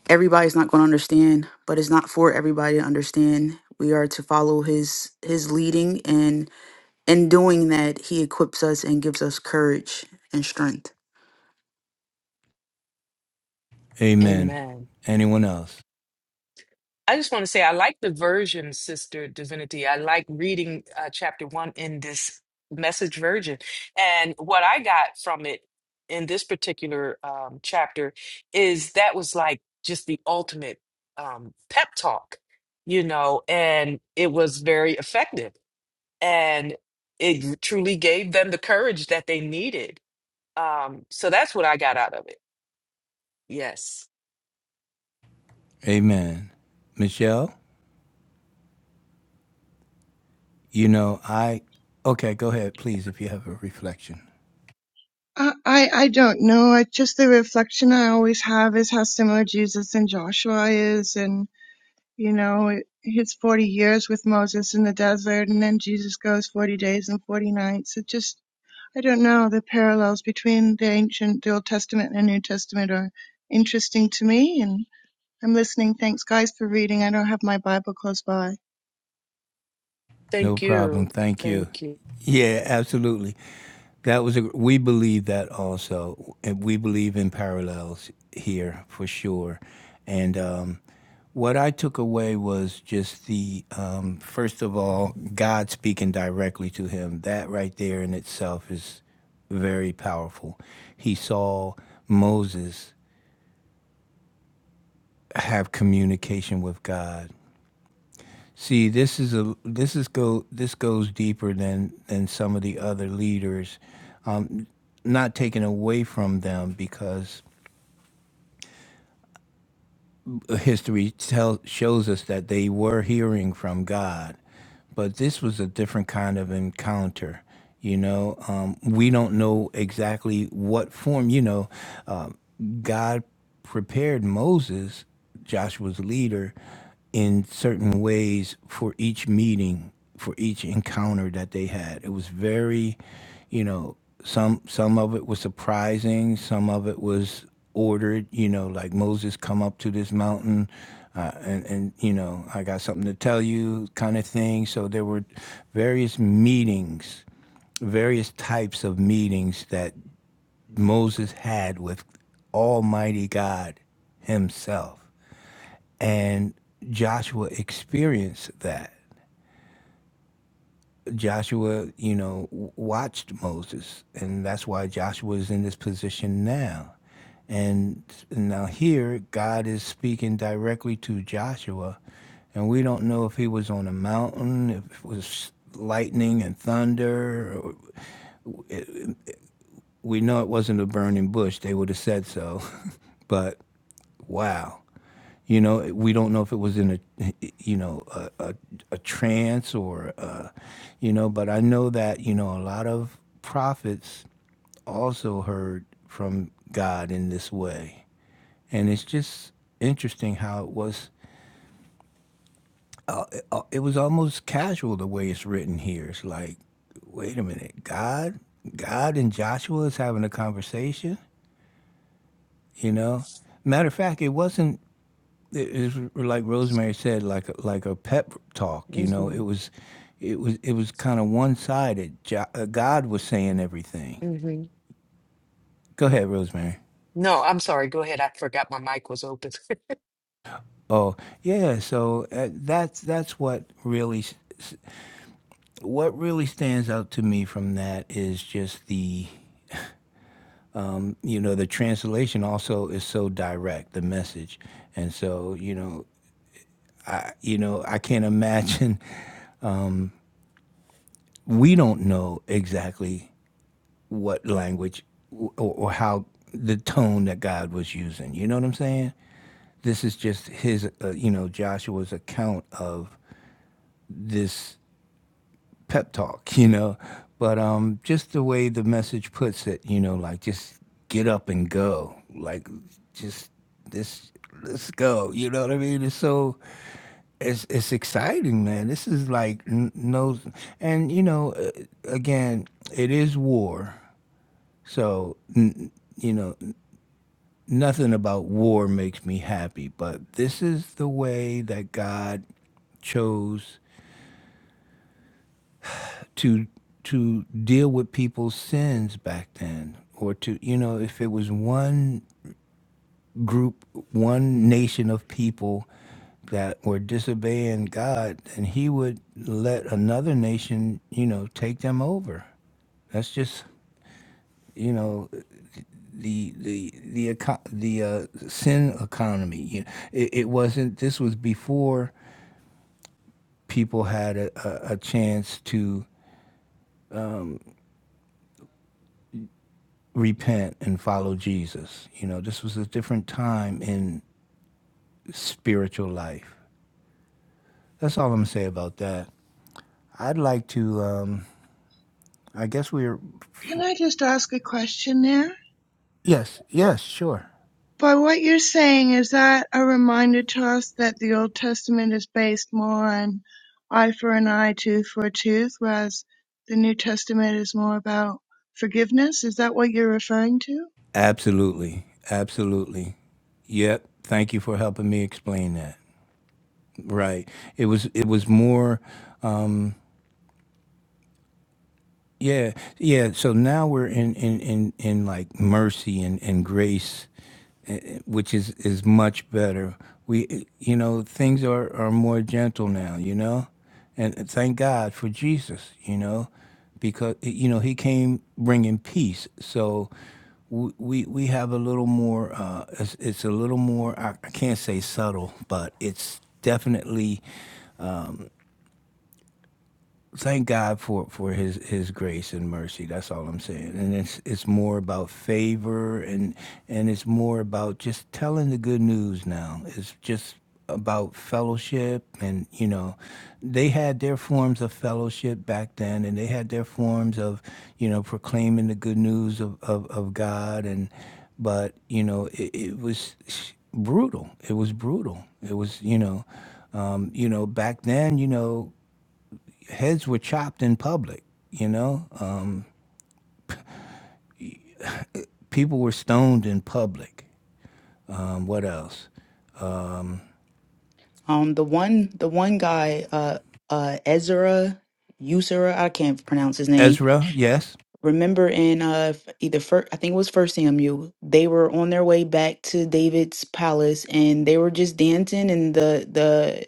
[SPEAKER 3] everybody's not going to understand but it's not for everybody to understand we are to follow his his leading and in doing that he equips us and gives us courage and strength
[SPEAKER 1] Amen.
[SPEAKER 2] Amen.
[SPEAKER 1] Anyone else?
[SPEAKER 2] I just want to say I like the version, Sister Divinity. I like reading uh, chapter one in this message version. And what I got from it in this particular um, chapter is that was like just the ultimate um, pep talk, you know, and it was very effective. and it truly gave them the courage that they needed. Um, so that's what I got out of it. Yes.
[SPEAKER 1] Amen. Michelle. You know, I okay, go ahead, please, if you have a reflection.
[SPEAKER 4] I, I, I don't know. It's just the reflection I always have is how similar Jesus and Joshua is, and, you know, it, his 40 years with Moses in the desert, and then Jesus goes 40 days and 40 nights. It just, I don't know. The parallels between the ancient, the Old Testament and New Testament are interesting to me, and I'm listening. Thanks, guys, for reading. I don't have my Bible close by.
[SPEAKER 1] No
[SPEAKER 2] Thank you.
[SPEAKER 1] problem. Thank you.
[SPEAKER 2] Thank you.
[SPEAKER 1] Yeah, absolutely. That was a we believe that also, and we believe in parallels here for sure. And um, what I took away was just the um, first of all, God speaking directly to him. That right there in itself is very powerful. He saw Moses have communication with God See, this is a this is go this goes deeper than than some of the other leaders. Um, not taken away from them because history tell, shows us that they were hearing from God, but this was a different kind of encounter. You know, um, we don't know exactly what form. You know, um, God prepared Moses, Joshua's leader, in certain ways for each meeting, for each encounter that they had. It was very, you know some some of it was surprising some of it was ordered you know like moses come up to this mountain uh, and and you know i got something to tell you kind of thing so there were various meetings various types of meetings that moses had with almighty god himself and joshua experienced that Joshua, you know, w- watched Moses, and that's why Joshua is in this position now. And now here, God is speaking directly to Joshua, and we don't know if he was on a mountain, if it was lightning and thunder. Or, we know it wasn't a burning bush; they would have said so. but wow, you know, we don't know if it was in a, you know, a, a, a trance or, uh, you know, but I know that, you know, a lot of prophets also heard from God in this way. And it's just interesting how it was, uh, it, uh, it was almost casual the way it's written here. It's like, wait a minute, God, God and Joshua is having a conversation, you know? Matter of fact, it wasn't it is like Rosemary said, like a, like a pep talk. You know, it
[SPEAKER 2] hmm
[SPEAKER 1] was, it was, it was kind of one sided. God was saying everything.
[SPEAKER 2] hmm
[SPEAKER 1] Go ahead, Rosemary.
[SPEAKER 2] No, I'm sorry. Go ahead. I forgot my mic was open.
[SPEAKER 1] Oh yeah, so uh, that's that's what really what really stands out to me from that is just the you know the translation also is so direct the message and so you know you know I can't imagine we don't know exactly what language or, or how the tone that God was using. You know what I'm saying? This is just his, uh, you know, Joshua's account of this pep talk, you know. But um, just the way the message puts it, you know, like just get up and go, like just this let's go you know what i mean it's so it's it's exciting man this is like n- no and you know uh, again it is war so n- you know nothing about war makes me happy, but this is the way that God chose to to deal with people's sins back then or to you know if it was one group one nation of people that were disobeying God then he would let another nation you know take them over that's just you know the the the eco- the uh, sin economy. You- It, it wasn't. This was before people had a, a, a chance to repent and follow Jesus. You know, this was a different time in spiritual life. That's all I'm gonna say about that. I'd like to. Um, I guess we're.
[SPEAKER 4] Can I just ask a question there?
[SPEAKER 1] Yes. Yes. Sure.
[SPEAKER 4] By what you're saying, is that a reminder to us that the Old Testament is based more on eye for an eye, tooth for a tooth, whereas the New Testament is more about forgiveness? Is that what you're referring to?
[SPEAKER 1] Absolutely. Absolutely. Yep. Thank you for helping me explain that. Right. It was. It was more. Yeah, yeah. So now we're in in in, in like mercy and, and grace, which is is much better. We you know things are are more gentle now. You know, and thank God for Jesus. You know, because you know he came bringing peace. So we we, we have a little more. Uh, it's, it's a little more. I, I can't say subtle, but it's definitely thank God for for his his grace and mercy. That's all I'm saying. And it's it's more about favor and and it's more about just telling the good news now. It's just about fellowship and you know they had their forms of fellowship back then and they had their forms of you know proclaiming the good news of, of, of god and but you know it, it was brutal it was brutal it was you know um, you know back then you know heads were chopped in public. You know, um, people were stoned in public. Um, what else? Um,
[SPEAKER 3] um the one the one guy uh uh ezra usera i can't pronounce his name
[SPEAKER 1] Ezra, yes.
[SPEAKER 3] remember in uh f- either first i think it was first samuel they were on their way back to david's palace and they were just dancing and the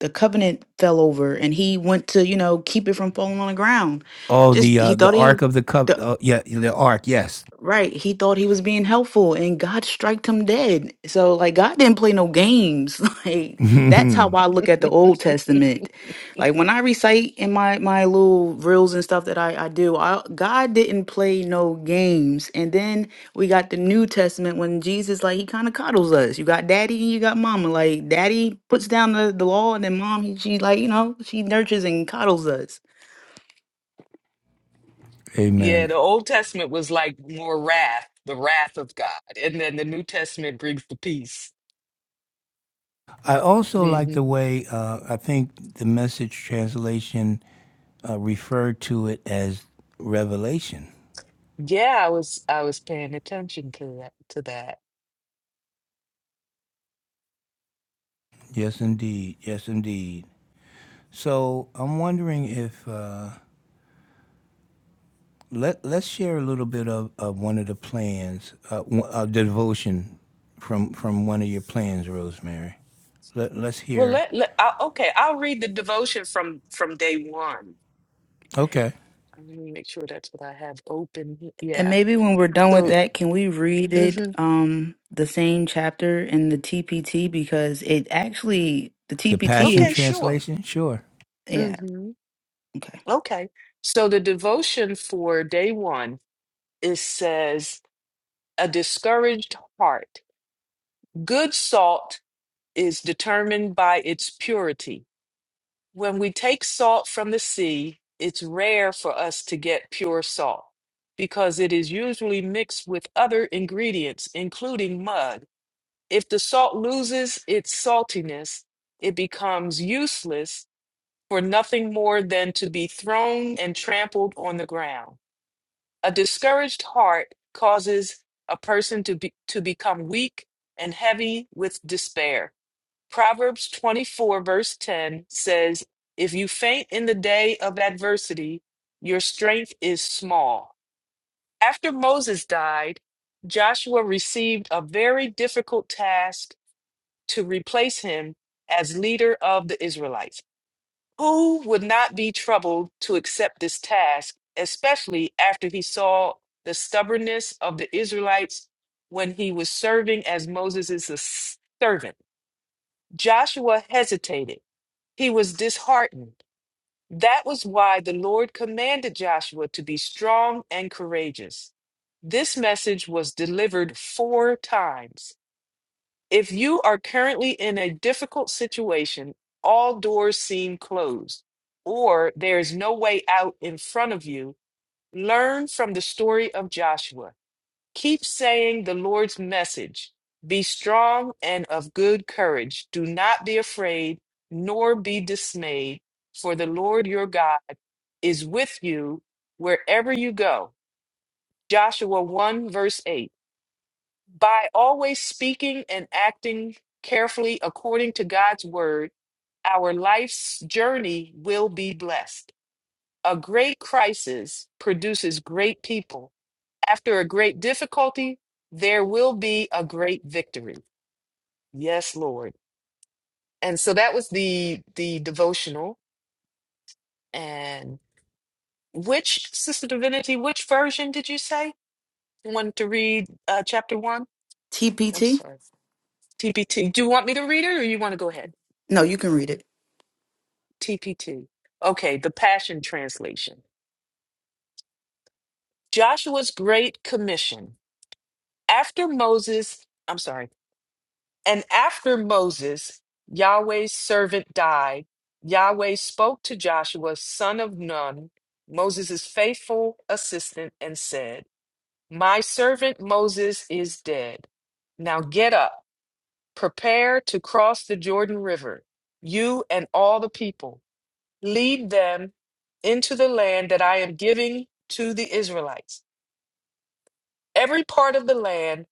[SPEAKER 3] the covenant fell over and he went to you know keep it from falling on the ground
[SPEAKER 1] Oh, the
[SPEAKER 3] just he
[SPEAKER 1] uh, the
[SPEAKER 3] thought he
[SPEAKER 1] Ark
[SPEAKER 3] would
[SPEAKER 1] of the Cup. Uh, yeah, the Ark. Yes.
[SPEAKER 3] Right. He thought he was being helpful and God striked him dead. So like God didn't play no games. Like that's how
[SPEAKER 1] Amen.
[SPEAKER 3] I look at the Old Testament. Like when I recite in my my little reels and stuff that I I do, I, God didn't play no games. And then we got the New Testament when Jesus like he kind of coddles us. You got daddy and you got mama. Like daddy puts down the, the law and then mom he, she like, you know, she nurtures and coddles us.
[SPEAKER 2] yeah, the
[SPEAKER 1] I
[SPEAKER 2] Old Testament was like more wrath, the wrath of God, and then the New Testament brings the peace.
[SPEAKER 1] also like
[SPEAKER 2] hmm
[SPEAKER 1] the way uh, I think the message translation uh, referred to it as revelation.
[SPEAKER 2] Yeah, I was I was paying attention to that to that.
[SPEAKER 1] Yes, indeed. Yes, indeed. So I'm wondering if. Uh, Let Let's share a little bit of, of one of the plans, uh, one- a devotion from from one of your plans, Rosemary. Let Let's
[SPEAKER 2] Well,
[SPEAKER 1] hear.
[SPEAKER 2] let, let I, okay, I'll read the devotion from from day one.
[SPEAKER 1] Okay,
[SPEAKER 2] Let me make sure that's what I have open. he-
[SPEAKER 3] And
[SPEAKER 2] Yeah.
[SPEAKER 3] maybe when we're done with
[SPEAKER 1] Eh,
[SPEAKER 2] So,
[SPEAKER 3] that, can we read it,
[SPEAKER 2] hmm
[SPEAKER 3] um, the same chapter in the TPT because it actually the
[SPEAKER 1] the Passion
[SPEAKER 3] TPT is
[SPEAKER 2] okay, sure.
[SPEAKER 1] Translation. Sure,
[SPEAKER 3] yeah
[SPEAKER 2] hmm
[SPEAKER 3] okay
[SPEAKER 2] Okay. So the devotion for day one, it says, a discouraged heart. Good salt is determined by its purity. When we take salt from the sea, it's rare for us to get pure salt because it is usually mixed with other ingredients, including mud. If the salt loses its saltiness, it becomes useless for nothing more than to be thrown and trampled on the ground. A discouraged heart causes a person to, be, to become weak and heavy with despair. Proverbs 24, verse 10 says, If you faint in the day of adversity, your strength is small. After Moses died, Joshua received a very difficult task to replace him as leader of the Israelites. Who would not be troubled to accept this task, especially after he saw the stubbornness of the Israelites when he was serving as Moses' servant? Joshua hesitated. He was disheartened. That was why the Lord commanded Joshua to be strong and courageous. This message was delivered four times if you are currently in a difficult situation, all doors seem closed, or there is no way out in front of you, learn from the story of Joshua. Keep saying the Lord's message. Be strong and of good courage. Do not be afraid, nor be dismayed, for the Lord your God is with you wherever you go. Joshua 1, verse 8. By always speaking and acting carefully according to God's word, our life's journey will be blessed. A great crisis produces great people. After a great difficulty, there will be a great victory. Yes, Lord. And so that was the the devotional. And which Sister Divinity, which version did you say? You wanted to read uh, chapter one? I'm
[SPEAKER 3] TPT.
[SPEAKER 2] sorry. TPT. Do you want me to read it or you want to go ahead?
[SPEAKER 3] No, you can read it.
[SPEAKER 2] TPT. Okay, the Passion Translation. Joshua's Great Commission. After Moses, I'm sorry, and after Moses, Yahweh's servant died, Yahweh spoke to Joshua, son of Nun, Moses' faithful assistant, and said, My servant Moses is dead. Now get up, prepare to cross the Jordan River, you and all the people. lead them into the land that I am giving to the Israelites. Every part of the land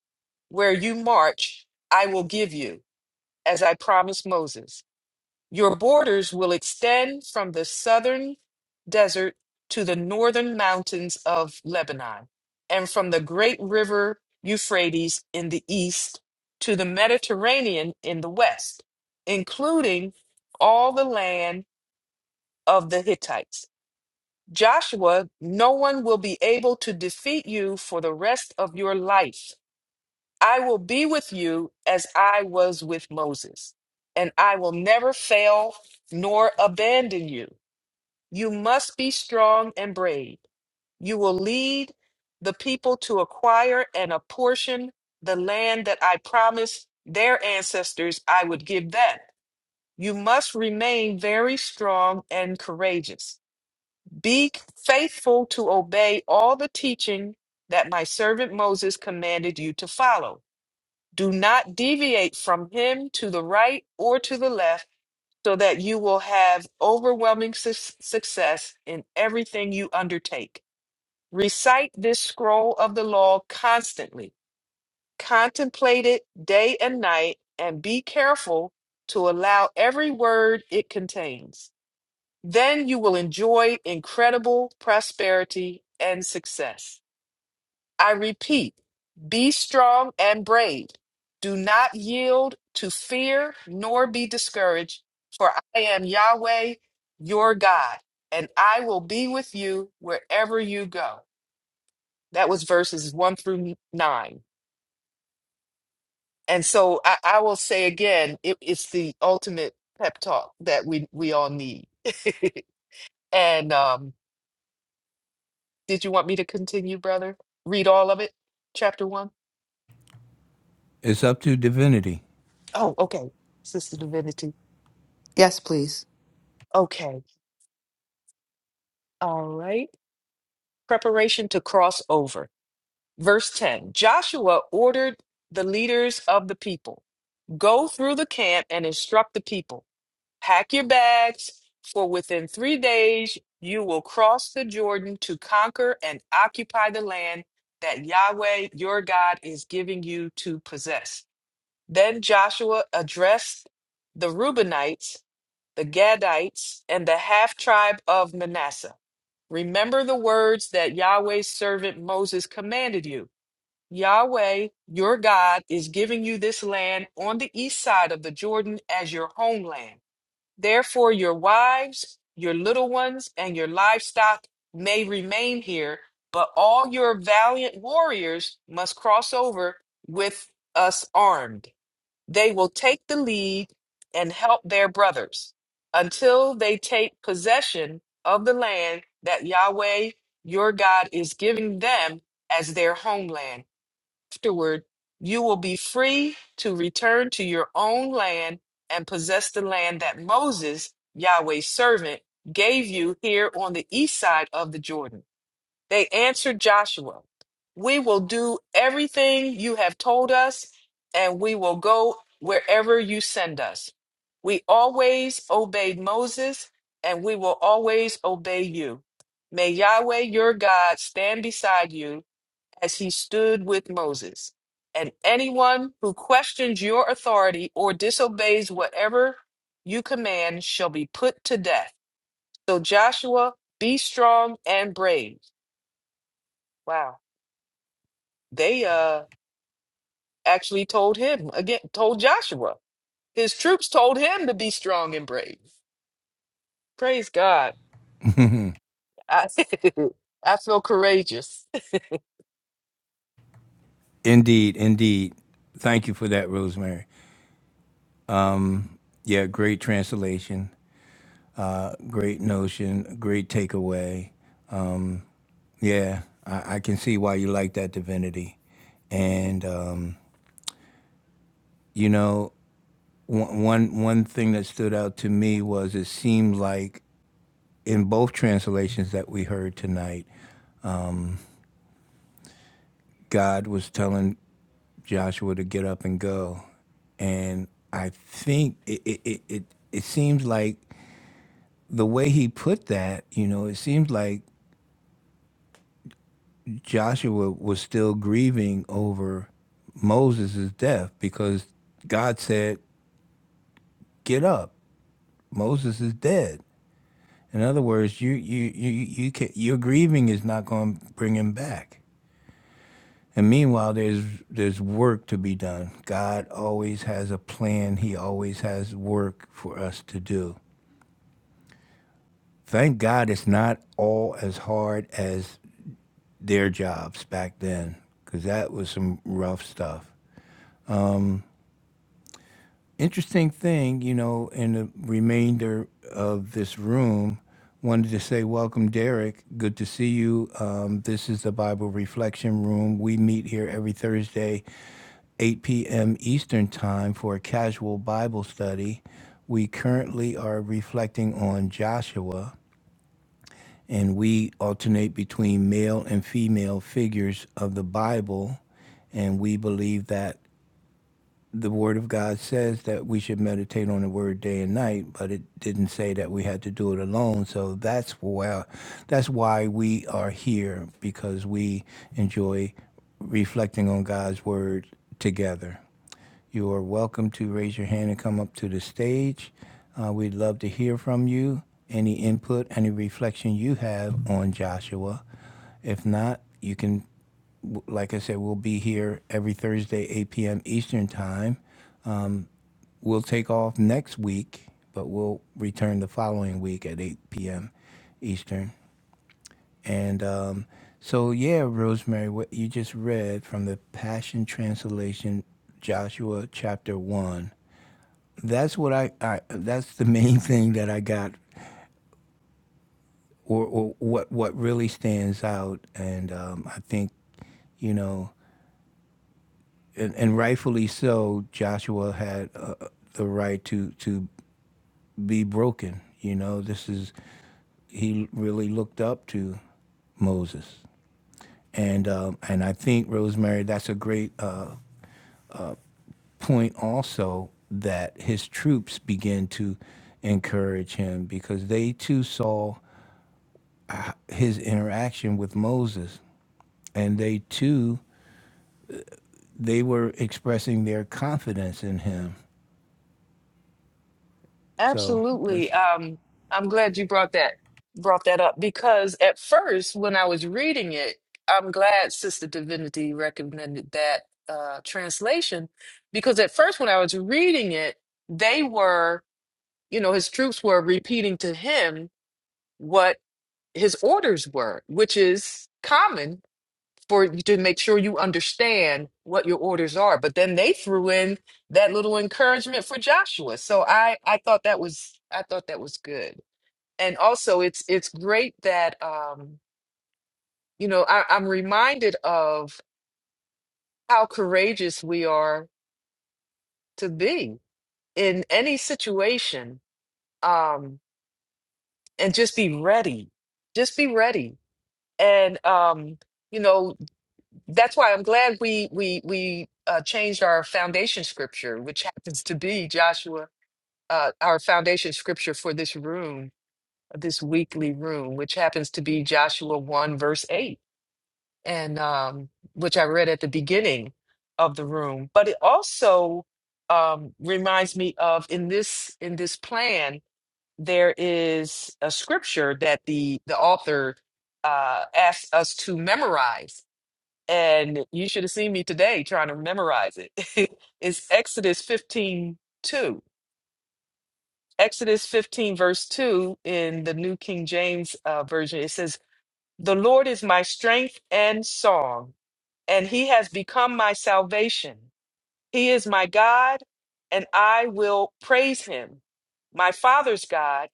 [SPEAKER 2] where you march, I will give you, as I promised Moses. Your borders will extend from the southern desert to the northern mountains of Lebanon, and from the great river Euphrates in the east to the Mediterranean in the west, including all the land of the Hittites Joshua, no one will be able to defeat you for the rest of your life. I will be with you as I was with Moses, and I will never fail nor abandon you. You must be strong and brave. You will lead the people to acquire and apportion the land that I promised their ancestors I would give them. You must remain very strong and courageous. Be faithful to obey all the teaching that my servant Moses commanded you to follow. Do not deviate from him to the right or to the left, so that you will have overwhelming su- success in everything you undertake. Recite this scroll of the law constantly, contemplate it day and night, and be careful to allow every word it contains. Then you will enjoy incredible prosperity and success. I repeat, be strong and brave. Do not yield to fear nor be discouraged, for I am Yahweh, your God, and I will be with you wherever you go. That was verses one through nine. And so I, I will say again, it, it's the ultimate pep talk that we, we all need. and um, Did you want me to continue, brother? Read all of it? Chapter one?
[SPEAKER 1] it's up to divinity.
[SPEAKER 2] Oh, okay. Sister Divinity.
[SPEAKER 3] Yes, please.
[SPEAKER 2] Okay. All right. Preparation to cross over. Verse 10 Joshua ordered the leaders of the people go through the camp and instruct the people pack your bags, for within three days you will cross the Jordan to conquer and occupy the land that Yahweh your God is giving you to possess. Then Joshua addressed the Reubenites, the Gadites, and the half tribe of Manasseh. Remember the words that Yahweh's servant Moses commanded you. Yahweh, your God, is giving you this land on the east side of the Jordan as your homeland. Therefore, your wives, your little ones, and your livestock may remain here, but all your valiant warriors must cross over with us armed. They will take the lead and help their brothers until they take possession of the land that Yahweh your God is giving them as their homeland. Afterward, you will be free to return to your own land and possess the land that Moses, Yahweh's servant, gave you here on the east side of the Jordan. They answered Joshua, We will do everything you have told us, and we will go wherever you send us. We always obeyed Moses, and we will always obey you. May Yahweh your God stand beside you as he stood with Moses. And anyone who questions your authority or disobeys whatever you command shall be put to death. So, Joshua, be strong and brave. Wow. they uh actually told him again told joshua his troops told him to be strong and brave praise god i, I feel courageous
[SPEAKER 1] Indeed, indeed. Thank you for that, Rosemary. Yeah, great translation, uh, great notion, great takeaway. Yeah, I, I can see why you like that divinity. And, um, you know, one one one thing that stood out to me was it seemed like in both translations that we heard tonight, God was telling Joshua to get up and go, and I think it it it it, it seems like the way he put that, you know, it seems like Joshua was still grieving over Moses' death because God said, "Get up, Moses is dead." In other words, you you you you can, your grieving is not going to bring him back. And meanwhile, there's there's work to be done. God always has a plan. He always has work for us to do. Thank God it's not all as hard as their jobs back then, because that was some rough stuff. interesting thing, you know, in the remainder of this room, wanted to say, Welcome, Derek. Good to see you. Um, this is the Bible Reflection Room. We meet here every Thursday, 8 p.m. Eastern Time, for a casual Bible study. We currently are reflecting on Joshua, and we alternate between male and female figures of the Bible. And we believe that the Word of God says that we should meditate on the Word day and night, but it didn't say that we had to do it alone. So that's why that's why we are here because we enjoy reflecting on God's Word together. You are welcome to raise your hand and come up to the stage. Uh, we'd love to hear from you. Any input, any reflection you have on Joshua. If not, you can, like I said, we'll be here every Thursday, 8 p.m. Eastern Time we'll take off next week, but we'll return the following week at 8 p.m. Eastern. And um, so, yeah, Rosemary, what you just read from the Passion Translation, Joshua chapter one. That's what I, I that's the main thing that I got, or, or what what really stands out. And um, I think you know, and, and rightfully so, Joshua had uh, the right to to be broken. You know, this is he really looked up to Moses, and um, and I think Rosemary, that's a great uh, point also that his troops began to encourage him because they too saw his interaction with Moses, and they too they were expressing their confidence in him. So
[SPEAKER 2] absolutely
[SPEAKER 1] that's
[SPEAKER 2] um i'm glad you brought that brought that up because at first when i was reading it i'm glad sister divinity recommended that uh translation because at first when i was reading it they were you know his troops were repeating to him what. his orders were, which is common for you to make sure you understand what your orders are. But then they threw in that little encouragement for Joshua. So I I thought that was I thought that was good. And also it's it's great that um you know I, I'm reminded of how courageous we are to be in any situation um and just be ready. Just be ready. And um you know That's why I'm glad we we we uh, changed our foundation scripture, which happens to be Joshua, uh, our foundation scripture for this room, this weekly room, which happens to be Joshua one verse eight, and um, which I read at the beginning of the room. But it also um, reminds me of in this in this plan there is a scripture that the the author uh, asks us to memorize and you should have seen me today trying to memorize it. it's Exodus 15 2, Exodus 15, verse 2 in the New King James uh, Version. It says, The Lord is my strength and song, and he has become my salvation. He is my God, and I will praise him, my father's God,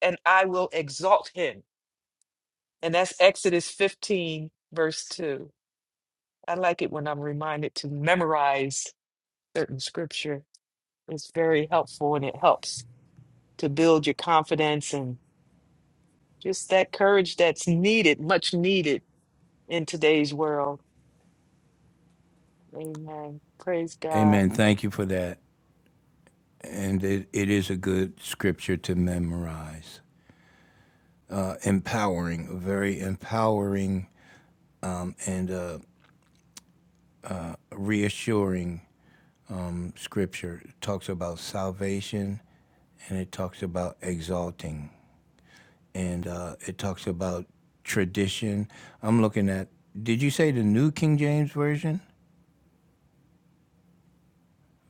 [SPEAKER 2] and I will exalt him. And that's Exodus 15, verse 2. I like it when I'm reminded to memorize certain scripture is very helpful and it helps to build your confidence and just that courage that's needed, much needed in today's world. Amen. Praise God.
[SPEAKER 1] Amen. Thank you for that, and it, it is a good scripture to memorize. empowering, very empowering and uh, reassuring scripture. It talks about salvation and it talks about exalting and uh, it talks about tradition. I'm looking at, did you say the New King James Version,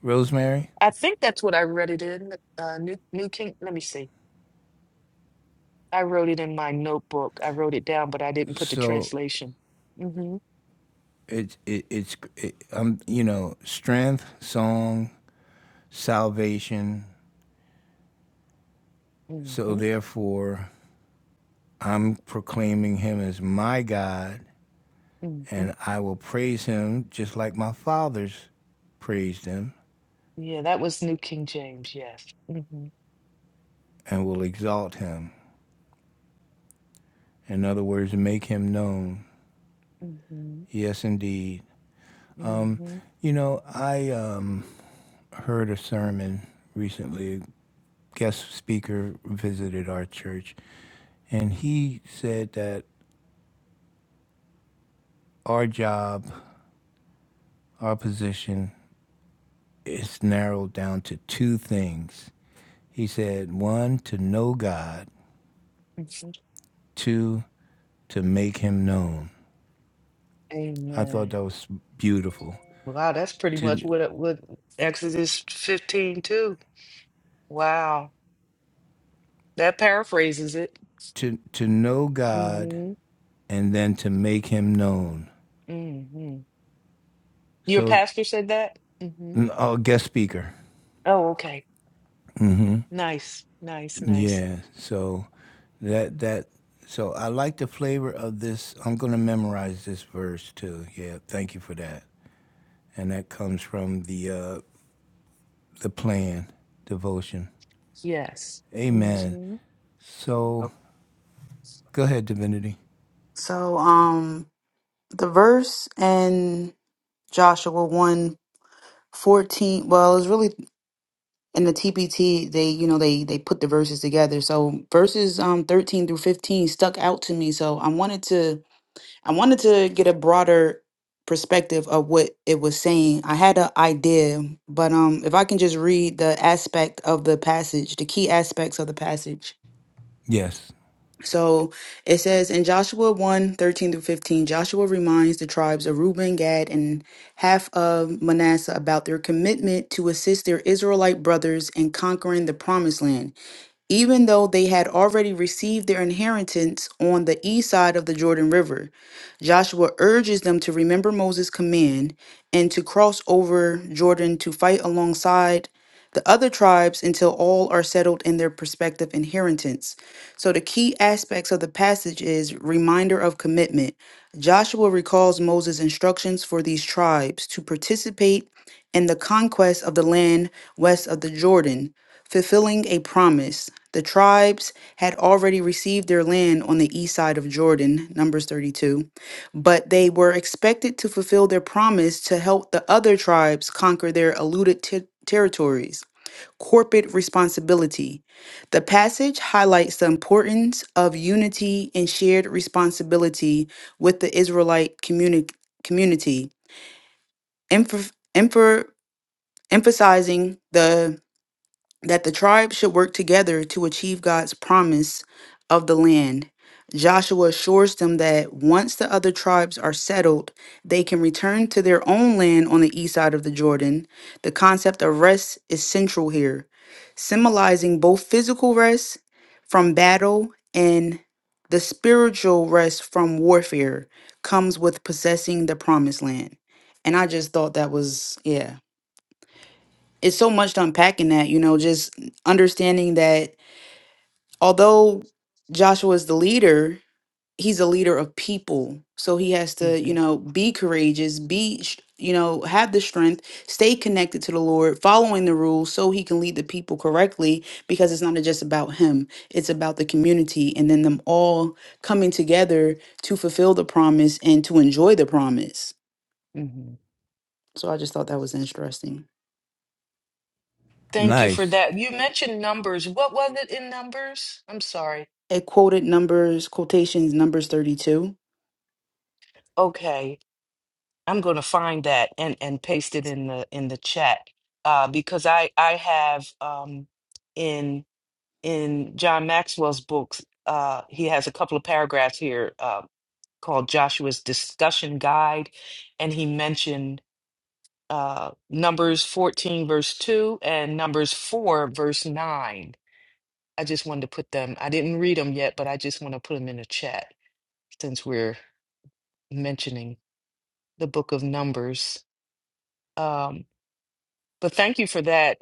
[SPEAKER 1] Rosemary?
[SPEAKER 2] I think that's what I read it in. Uh, New New King. Let me see. I wrote it in my notebook. I wrote it down, but I didn't put the
[SPEAKER 1] So
[SPEAKER 2] translation. Mm-hmm.
[SPEAKER 1] it's, it, it's, it, um, you know, strength, song, salvation. So
[SPEAKER 2] Mm-hmm.
[SPEAKER 1] therefore, I'm proclaiming him as my God
[SPEAKER 2] Mm-hmm.
[SPEAKER 1] and I will praise him just like my fathers praised him
[SPEAKER 2] Yeah, that was New King James. Yes. Mm-hmm.
[SPEAKER 1] and will exalt him. In other words, make him known.
[SPEAKER 2] Mm-hmm.
[SPEAKER 1] Yes, indeed.
[SPEAKER 2] Mm-hmm.
[SPEAKER 1] You know, I um, heard a sermon recently. A guest speaker visited our church, and he said that our job, our position, is narrowed down to two things. He said, one, to know God,
[SPEAKER 2] mm-hmm.
[SPEAKER 1] two, to make him known. I thought
[SPEAKER 2] Amen.
[SPEAKER 1] that was beautiful.
[SPEAKER 2] Wow, that's pretty
[SPEAKER 1] To
[SPEAKER 2] much what it what Exodus 15 too. Wow. That paraphrases it.
[SPEAKER 1] to to know God
[SPEAKER 2] Mm-hmm.
[SPEAKER 1] and then to make Him known.
[SPEAKER 2] Mm-hmm. Your
[SPEAKER 1] So,
[SPEAKER 2] pastor said that? Mm-hmm.
[SPEAKER 1] oh, guest speaker.
[SPEAKER 2] Oh, okay. Nice. Nice, nice.
[SPEAKER 1] Yeah. So, that that. So I like the flavor of this. I'm going to memorize this verse too. Yeah. Thank you for that. And that comes from the uh, the plan devotion.
[SPEAKER 2] Yes.
[SPEAKER 1] Amen.
[SPEAKER 2] Mm-hmm.
[SPEAKER 1] So
[SPEAKER 3] okay
[SPEAKER 1] go ahead, divinity.
[SPEAKER 3] So, um, the verse in Joshua one 14 well, it's really in the TPT, they, you know, they, they put the verses together. So verses, um, 13 through 15 stuck out to me. So I wanted to I wanted to get a broader perspective of what it was saying. I had an idea, but um, if I can just read the aspect of the passage, the key aspects of the passage.
[SPEAKER 1] Yes.
[SPEAKER 3] So it says in Joshua one 13 through 15, Joshua reminds the tribes of Reuben, Gad, and half of Manasseh about their commitment to assist their Israelite brothers in conquering the promised land even though they had already received their inheritance on the east side of the Jordan River. Joshua urges them to remember Moses' command and to cross over Jordan to fight alongside the other tribes until all are settled in their prospective inheritance. So the key aspects of the passage is reminder of commitment. Joshua recalls Moses' instructions for these tribes to participate in the conquest of the land west of the Jordan fulfilling a promise. The tribes had already received their land on the east side of Jordan, Numbers 32, but they were expected to fulfill their promise to help the other tribes conquer their eluded te- territories. Corporate responsibility. The passage highlights the importance of unity and shared responsibility with the Israelite communi- community, emph- emph- emphasizing the that the tribes should work together to achieve God's promise of the land. Joshua assures them that once the other tribes are settled, they can return to their own land on the east side of the Jordan. The concept of rest is central here, symbolizing both physical rest from battle and the spiritual rest from warfare comes with possessing the promised land. And I just thought that was, yeah it's so much to unpack in that, you know, just understanding that although Joshua is the leader, he's a leader of people. So he has to, you
[SPEAKER 2] Mm-hmm.
[SPEAKER 3] know, be courageous, be, sh- you know, have the strength, stay connected to the Lord, following the rules so he can lead the people correctly because it's not just about him, it's about the community and then them all coming together to fulfill the promise and to enjoy the promise.
[SPEAKER 2] Mm-hmm.
[SPEAKER 3] So I just thought that was interesting.
[SPEAKER 2] Thank you for
[SPEAKER 1] Nice.
[SPEAKER 2] that. You mentioned numbers. What was it in numbers? I'm sorry.
[SPEAKER 3] It quoted numbers, quotations, numbers 32
[SPEAKER 2] Okay. I'm going to find that and and paste it in the in the chat. Uh because I I have um in in John Maxwell's books, uh, he has a couple of paragraphs here uh, called Joshua's Discussion Guide, and he mentioned uh, Numbers 14, verse 2, and Numbers 4, verse 9. I just wanted to put them, I didn't read them yet, but I just want to put them in the chat since we're mentioning the book of Numbers. Um, but thank you for that.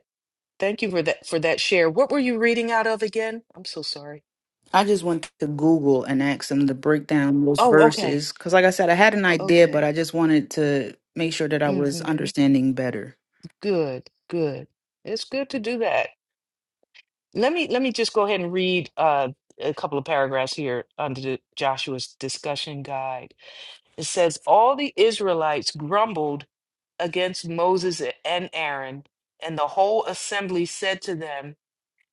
[SPEAKER 2] Thank you for that for that share. What were you reading out of again? I'm so sorry.
[SPEAKER 3] I just went to Google and asked them to break down those
[SPEAKER 2] Oh, okay.
[SPEAKER 3] verses because, like I said, I had an idea, but I
[SPEAKER 2] Okay.
[SPEAKER 3] just wanted to make sure that I was
[SPEAKER 2] Mm-hmm.
[SPEAKER 3] understanding better.
[SPEAKER 2] Good, good. It's good to do that. Let me let me just go ahead and read uh, a couple of paragraphs here under the Joshua's discussion guide. It says, All the Israelites grumbled against Moses and Aaron, and the whole assembly said to them,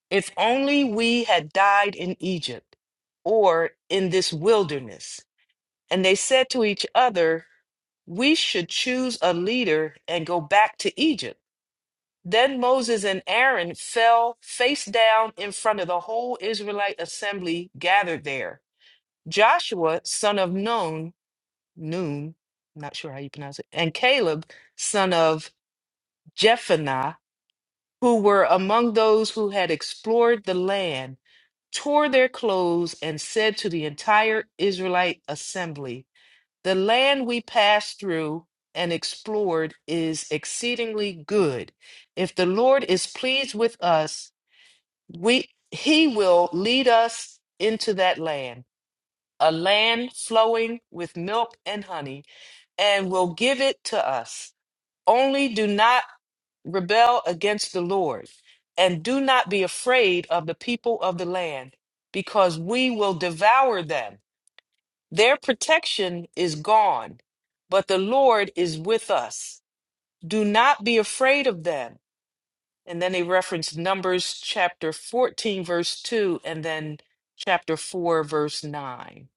[SPEAKER 2] If only we had died in Egypt or in this wilderness. And they said to each other, We should choose a leader and go back to Egypt. Then Moses and Aaron fell face down in front of the whole Israelite assembly gathered there. Joshua, son of Nun, Nun, not sure how you pronounce it, and Caleb, son of Jephunneh, who were among those who had explored the land, tore their clothes and said to the entire Israelite assembly, "The land we passed through and explored is exceedingly good. If the Lord is pleased with us." we he will lead us into that land a land flowing with milk and honey and will give it to us only do not rebel against the lord and do not be afraid of the people of the land because we will devour them their protection is gone but the lord is with us do not be afraid of them and then they reference Numbers chapter 14, verse 2, and then chapter 4, verse 9.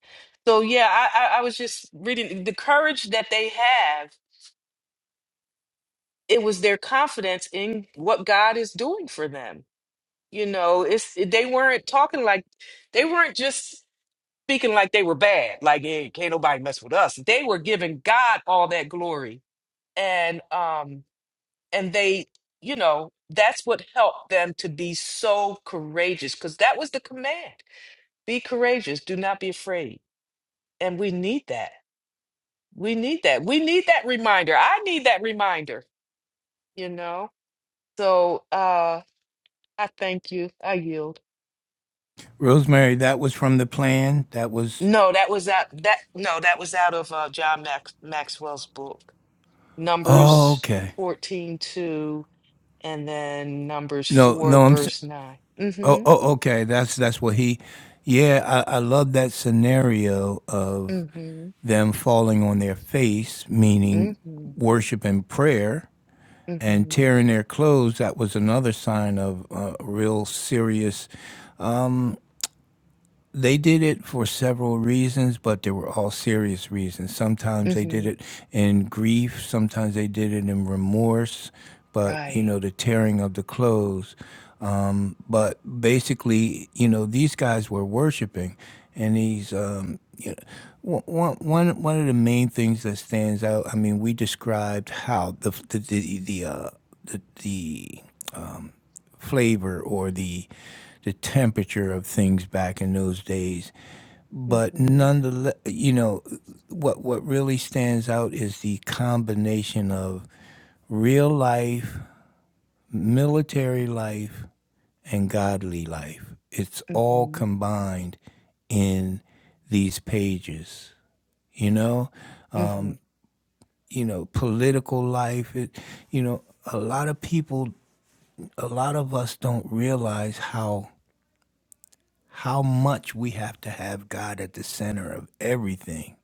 [SPEAKER 2] So, yeah, I, I, I was just reading the courage that they have. It was their confidence in what God is doing for them. You know, it's they weren't talking like they weren't just speaking like they were bad, like hey, can't nobody mess with us. They were giving God all that glory. And um and they you know that's what helped them to be so courageous because that was the command be courageous do not be afraid and we need that we need that we need that reminder i need that reminder you know so uh i thank you i yield
[SPEAKER 1] Rosemary, that was from the plan. That was.
[SPEAKER 2] no that was out that no that was out of uh john Max, maxwell's book
[SPEAKER 1] Oh,
[SPEAKER 2] numbers
[SPEAKER 1] okay.
[SPEAKER 2] 14 2, and then numbers
[SPEAKER 1] No,
[SPEAKER 2] 4
[SPEAKER 1] no, I'm. s-
[SPEAKER 2] verse 9
[SPEAKER 1] Oh,
[SPEAKER 2] mm-hmm
[SPEAKER 1] oh, okay. That's that's what he. Yeah, I, I love that scenario of
[SPEAKER 2] mm-hmm
[SPEAKER 1] them falling on their face, meaning
[SPEAKER 2] mm-hmm
[SPEAKER 1] worship and prayer, and
[SPEAKER 2] Mm-hmm.
[SPEAKER 1] tearing their clothes. That was another sign of uh, real serious they did it for several reasons, but they were all serious reasons. Sometimes they did
[SPEAKER 2] Mhm.
[SPEAKER 1] it in grief, sometimes they did it in remorse, but you
[SPEAKER 2] Right.
[SPEAKER 1] know, the tearing of the clothes. Um, but basically, you know, these guys were worshiping, and these, um, you know, one, one, one of the main things that stands out. I mean, we described how the the the, the uh, the, the flavor or the the temperature of things back in those days but
[SPEAKER 2] Mhm.
[SPEAKER 1] nonetheless, you know, what what really stands out is the combination of real life, military life, and godly life. It's all
[SPEAKER 2] Mhm.
[SPEAKER 1] combined in these pages. You know,
[SPEAKER 2] Mhm.
[SPEAKER 1] you know, political life. It, you know, a lot of people, a lot of us don't realize how how much we have to have God at the center of everything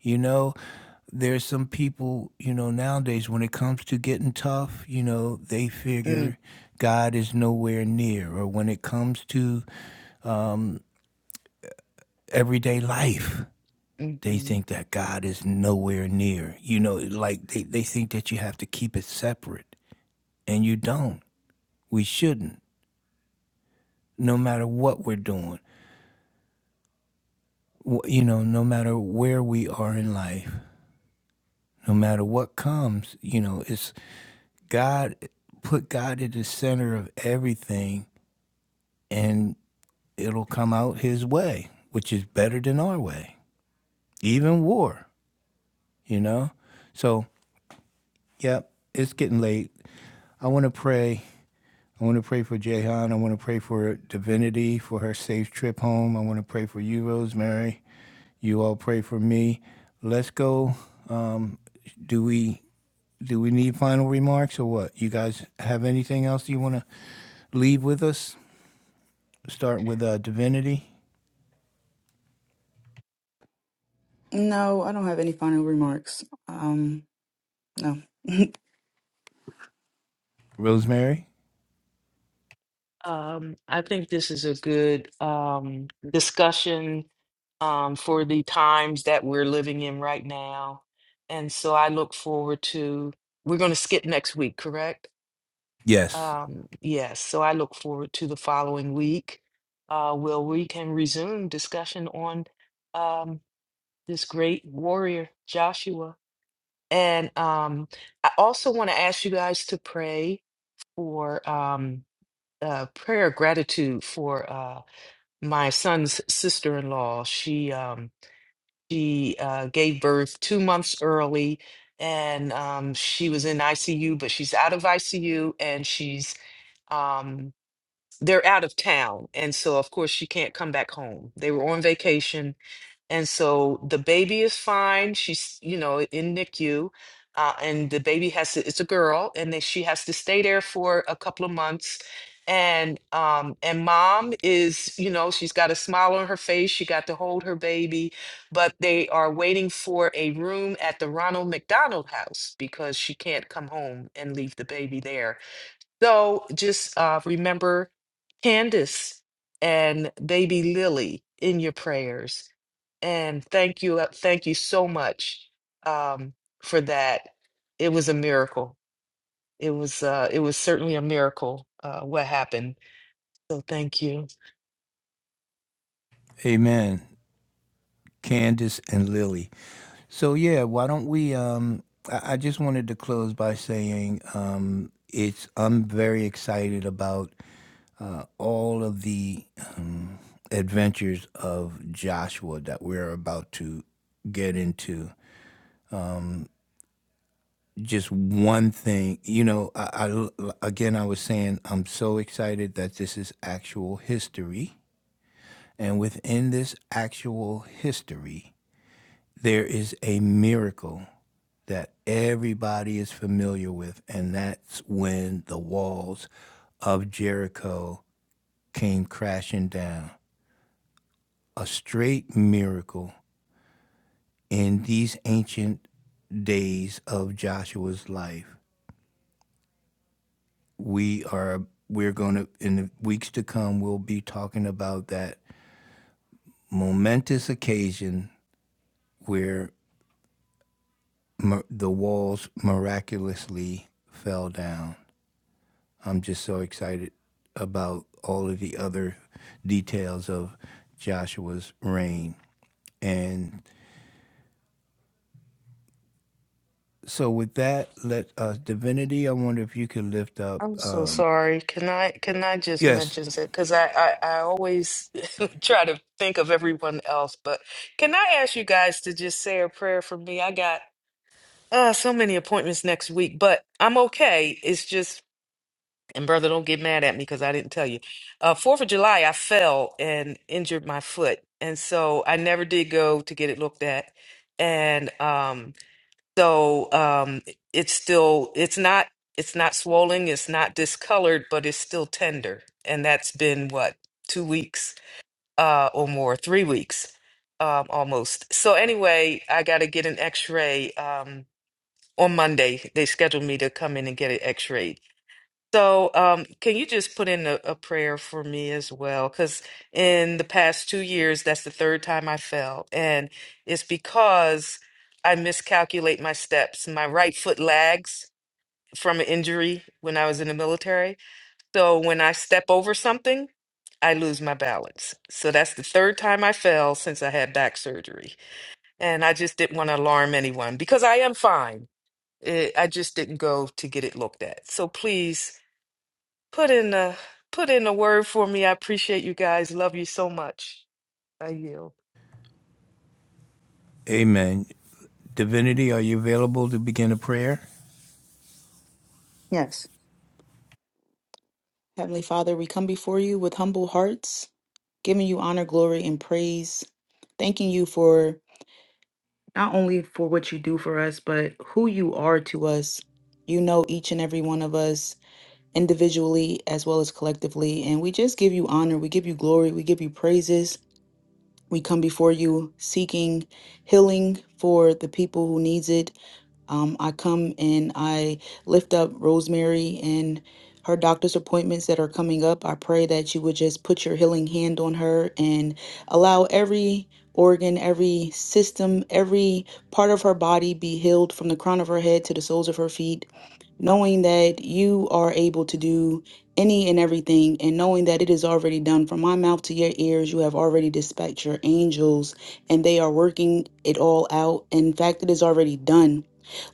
[SPEAKER 1] You know, there's some people, you know, nowadays when it comes to getting tough, you know, they
[SPEAKER 2] Mm.
[SPEAKER 1] figure God is nowhere near. Or when it comes to everyday life, they
[SPEAKER 2] Mhm.
[SPEAKER 1] think that God is nowhere near. You know, like they, they think that you have to keep it separate, and you don't. We shouldn't, no matter what we're doing, Wh- you know, no matter where we are in life, no matter what comes, you know, it's God, put God at the center of everything and it'll come out his way, which is better than our way, even war, you know? So, yeah, it's getting late. I want to pray. I want to pray for Jehan. I want to pray for Divinity, for her safe trip home. I want to pray for you, Rosemary. You all pray for me. Let's go. Um, do we do we need final remarks or what? You guys have anything else you want to leave with us? Start with uh, Divinity,
[SPEAKER 3] No, I don't have any final remarks. Um, no.
[SPEAKER 1] Rosemary.
[SPEAKER 2] Um, I think this is a good um, discussion um, for the times that we're living in right now. And so I look forward to, we're going to skip next week, correct?
[SPEAKER 1] Yes.
[SPEAKER 2] Um, yes. So I look forward to the following week uh, where we can resume discussion on um, this great warrior, Joshua. And um, I also want to ask you guys to pray for um, uh, prayer of gratitude for uh, my son's sister-in-law. She um, she uh, gave birth two months early, and um, she was in ICU, but she's out of ICU, and she's um, they're out of town, and so of course she can't come back home. They were on vacation and so the baby is fine. She's, you know, in NICU. Uh, and the baby has to, it's a girl, and then she has to stay there for a couple of months. And um, and mom is, you know, she's got a smile on her face. She got to hold her baby, but they are waiting for a room at the Ronald McDonald House because she can't come home and leave the baby there so just uh, remember Candace and baby Lily in your prayers. And thank you. uh, Thank you so much um, for that. It was a miracle. It was uh, it was certainly a miracle uh, what happened. So thank you.
[SPEAKER 1] Amen. Candace and Lily. So yeah, why don't we? Um, I, I just wanted to close by saying um, it's. I'm very excited about uh, all of the um, adventures of Joshua that we're about to get into. Um, just one thing, you know. I, I again, I was saying I'm so excited that this is actual history, and within this actual history there is a miracle that everybody is familiar with, and that's when the walls of Jericho came crashing down. A straight miracle in these ancient days of Joshua's life. We are we're going to in the weeks to come we'll be talking about that momentous occasion where the walls miraculously fell down. I'm just so excited about all of the other details of Joshua's reign. And so, with that, let us, Divinity, I wonder if you could lift up.
[SPEAKER 2] I'm so
[SPEAKER 1] Um,
[SPEAKER 2] sorry. Can I can I just
[SPEAKER 1] yes,
[SPEAKER 2] mention it? Because I, I I always try to think of everyone else. But can I ask you guys to just say a prayer for me? I got Uh, so many appointments next week, but I'm okay. It's just, and brother, don't get mad at me because I didn't tell you. Uh, Fourth of July, I fell and injured my foot, and so I never did go to get it looked at. And um, so um, it's still, it's not, it's not swollen, it's not discolored, but it's still tender, and that's been what two weeks uh, or more, three weeks um, almost. So anyway, I got to get an X-ray. Um, on Monday. They scheduled me to come in and get it x-rayed. So, um, can you just put in a, a prayer for me as well? Because in the past two years, that's the third time I fell, and it's because I miscalculate my steps. My right foot lags from an injury when I was in the military. So when I step over something, I lose my balance. So that's the third time I fell since I had back surgery. And I just didn't want to alarm anyone because I am fine. It, I just didn't go to get it looked at. So please put in a put in a word for me. I appreciate you guys. Love you so much. I yield.
[SPEAKER 1] amen. Divinity, are you available to begin a prayer?
[SPEAKER 3] Yes. Heavenly Father, we come before you with humble hearts, giving you honor, glory, and praise, thanking you for not only for what you do for us, but who you are to us. You know each and every one of us. individually as well as collectively. And we just give you honor, we give you glory, we give you praises. We come before you seeking healing for the people who needs it. Um, I come and I lift up Rosemary and her doctor's appointments that are coming up. I pray that you would just put your healing hand on her and allow every organ, every system, every part of her body be healed from the crown of her head to the soles of her feet knowing that you are able to do any and everything, and knowing that it is already done from my mouth to your ears, you have already dispatched your angels, and they are working it all out. In fact, it is already done.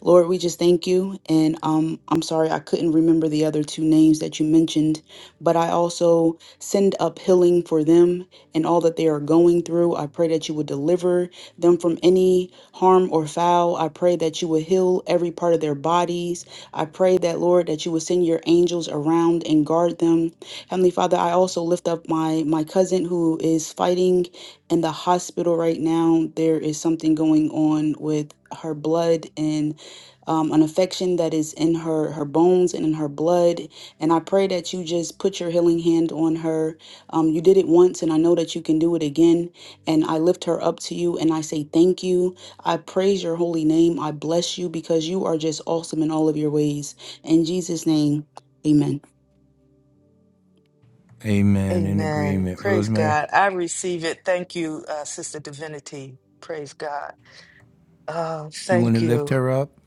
[SPEAKER 3] Lord, we just thank you. And um, I'm sorry, I couldn't remember the other two names that you mentioned, but I also send up healing for them and all that they are going through. I pray that you would deliver them from any harm or foul. I pray that you would heal every part of their bodies. I pray that, Lord, that you would send your angels around and guard them. Heavenly Father, I also lift up my, my cousin who is fighting in the hospital right now. There is something going on with her blood and um, an affection that is in her her bones and in her blood and i pray that you just put your healing hand on her um, you did it once and i know that you can do it again and i lift her up to you and i say thank you I praise your holy name. I bless you because you are just awesome in all of your ways. In Jesus' name, amen.
[SPEAKER 1] Amen. In
[SPEAKER 2] Amen.
[SPEAKER 1] agreement.
[SPEAKER 2] Praise
[SPEAKER 1] Rosemary,
[SPEAKER 2] God. I receive it. Thank you, uh, Sister Divinity. Praise God. Uh,
[SPEAKER 1] you want
[SPEAKER 2] thank
[SPEAKER 1] to lift
[SPEAKER 2] you.
[SPEAKER 1] her up?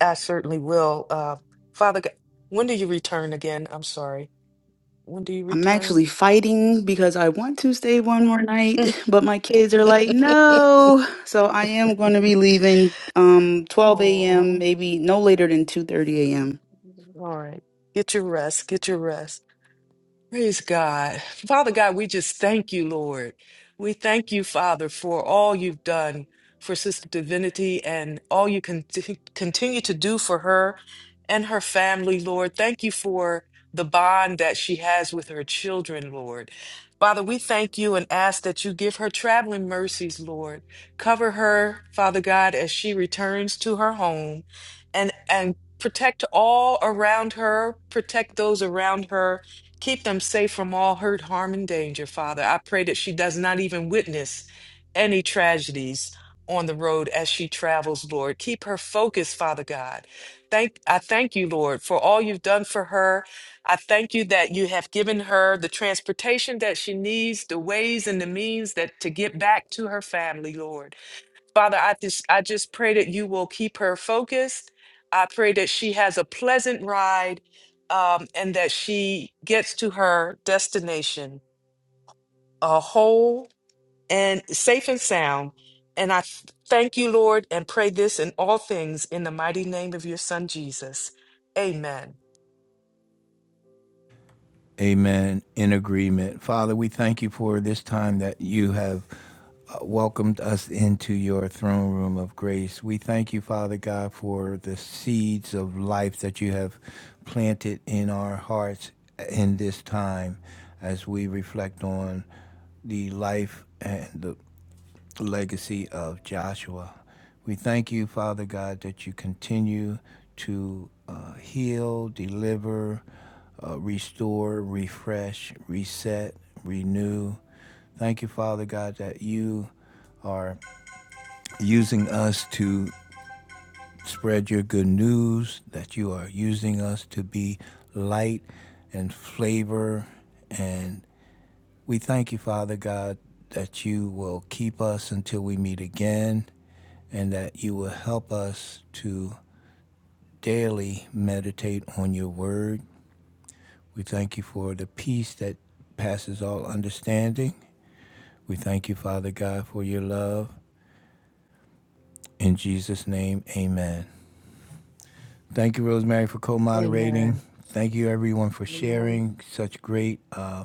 [SPEAKER 2] I certainly will. Uh, Father God, when do you return again? I'm sorry. When do you
[SPEAKER 3] I'm
[SPEAKER 2] return?
[SPEAKER 3] actually fighting because I want to stay one more night, but my kids are like, no. So I am going to be leaving um
[SPEAKER 2] Oh,
[SPEAKER 3] 12
[SPEAKER 2] all
[SPEAKER 3] a.m., maybe no later than 2:30 a.m.
[SPEAKER 2] right. Get your rest. Get your rest. Praise God. Father God, we just thank you, Lord. We thank you, Father, for all you've done for Sister Divinity and all you con- continue to do for her and her family, Lord. Thank you for the bond that she has with her children, Lord. Father, we thank you and ask that you give her traveling mercies, Lord. Cover her, Father God, as she returns to her home and and protect all around her, protect those around her Keep them safe from all hurt, harm, and danger, Father. I pray that she does not even witness any tragedies on the road as she travels, Lord. Keep her focused, Father God. Thank I thank you, Lord, for all you've done for her. I thank you that you have given her the transportation that she needs, the ways and the means that to get back to her family, Lord. Father, I just I just pray that you will keep her focused. I pray that she has a pleasant ride um, and that she gets to her destination uh, whole and safe and sound. And I th- thank you, Lord, and pray this in all things in the mighty name of your Son Jesus. Amen.
[SPEAKER 1] Amen. In agreement. Father, we thank you for this time that you have uh, welcomed us into your throne room of grace. We thank you, Father God, for the seeds of life that you have planted in our hearts in this time as we reflect on the life and the legacy of Joshua. We thank you, Father God, that you continue to uh, heal, deliver, uh, restore, refresh, reset, renew. Thank you, Father God, that you are using us to spread your good news, that you are using us to be light and flavor. And we thank you, Father God, that you will keep us until we meet again and that you will help us to daily meditate on your word. We thank you for the peace that passes all understanding. We thank you, Father God, for your love. In Jesus' name, amen. Thank you, Rosemary, for co-moderating.
[SPEAKER 2] Amen.
[SPEAKER 1] Thank you, everyone, for sharing such great uh,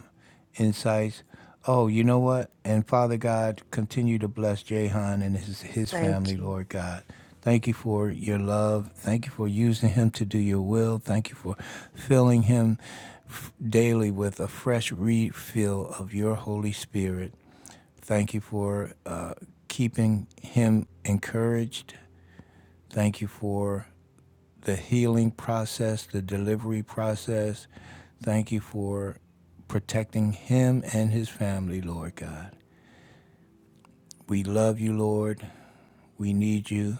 [SPEAKER 1] insights. Oh, you know what? And Father God, continue to bless Jahan and his his
[SPEAKER 2] Thank
[SPEAKER 1] family,
[SPEAKER 2] you.
[SPEAKER 1] Lord God. Thank you for your love. Thank you for using him to do your will. Thank you for filling him f- daily with a fresh refill of your Holy Spirit. Thank you for uh, keeping him encouraged. Thank you for the healing process, the delivery process. Thank you for protecting him and his family, Lord God. We love you, Lord. We need you.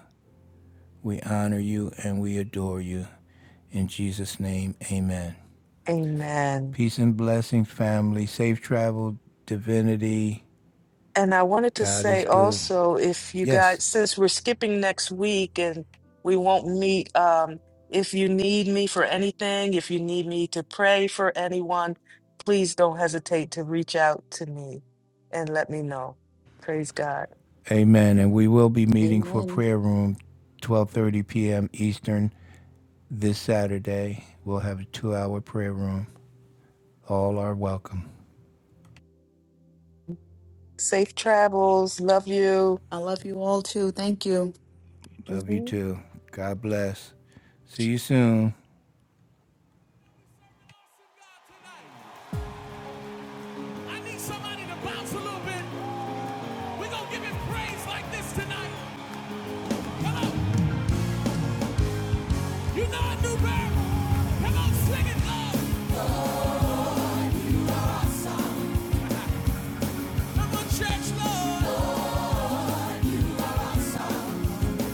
[SPEAKER 1] We honor you and we adore you. In Jesus' name, amen.
[SPEAKER 2] Amen.
[SPEAKER 1] Peace and blessing, family. Safe travel, divinity.
[SPEAKER 2] And I wanted to
[SPEAKER 1] God
[SPEAKER 2] say
[SPEAKER 1] is good.
[SPEAKER 2] also, if you
[SPEAKER 1] Yes.
[SPEAKER 2] guys, since we're skipping next week and we won't meet, um, if you need me for anything, if you need me to pray for anyone, please don't hesitate to reach out to me and let me know. Praise God.
[SPEAKER 1] Amen. And we will be meeting for
[SPEAKER 3] Amen.
[SPEAKER 1] prayer room 12:30 p.m. Eastern this Saturday. We'll have a 2-hour prayer room. All are welcome.
[SPEAKER 2] Safe travels. Love you.
[SPEAKER 3] I love you all too. Thank you.
[SPEAKER 1] Love you too. God bless. See you soon. I need somebody to bounce a little bit. We're going to give him praise like this tonight. Come on. You know a new birth. Come on, sing it, Lord. You are awesome. Come on, church, Lord.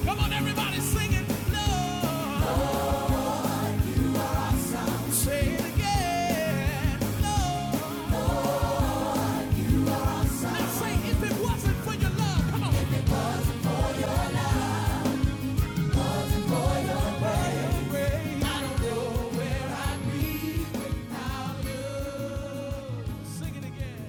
[SPEAKER 1] Come on, everybody, sing it, Lord. Say it again, Lord. Now say, if it wasn't for your love, come on. I don't know where I'd be. Sing it again.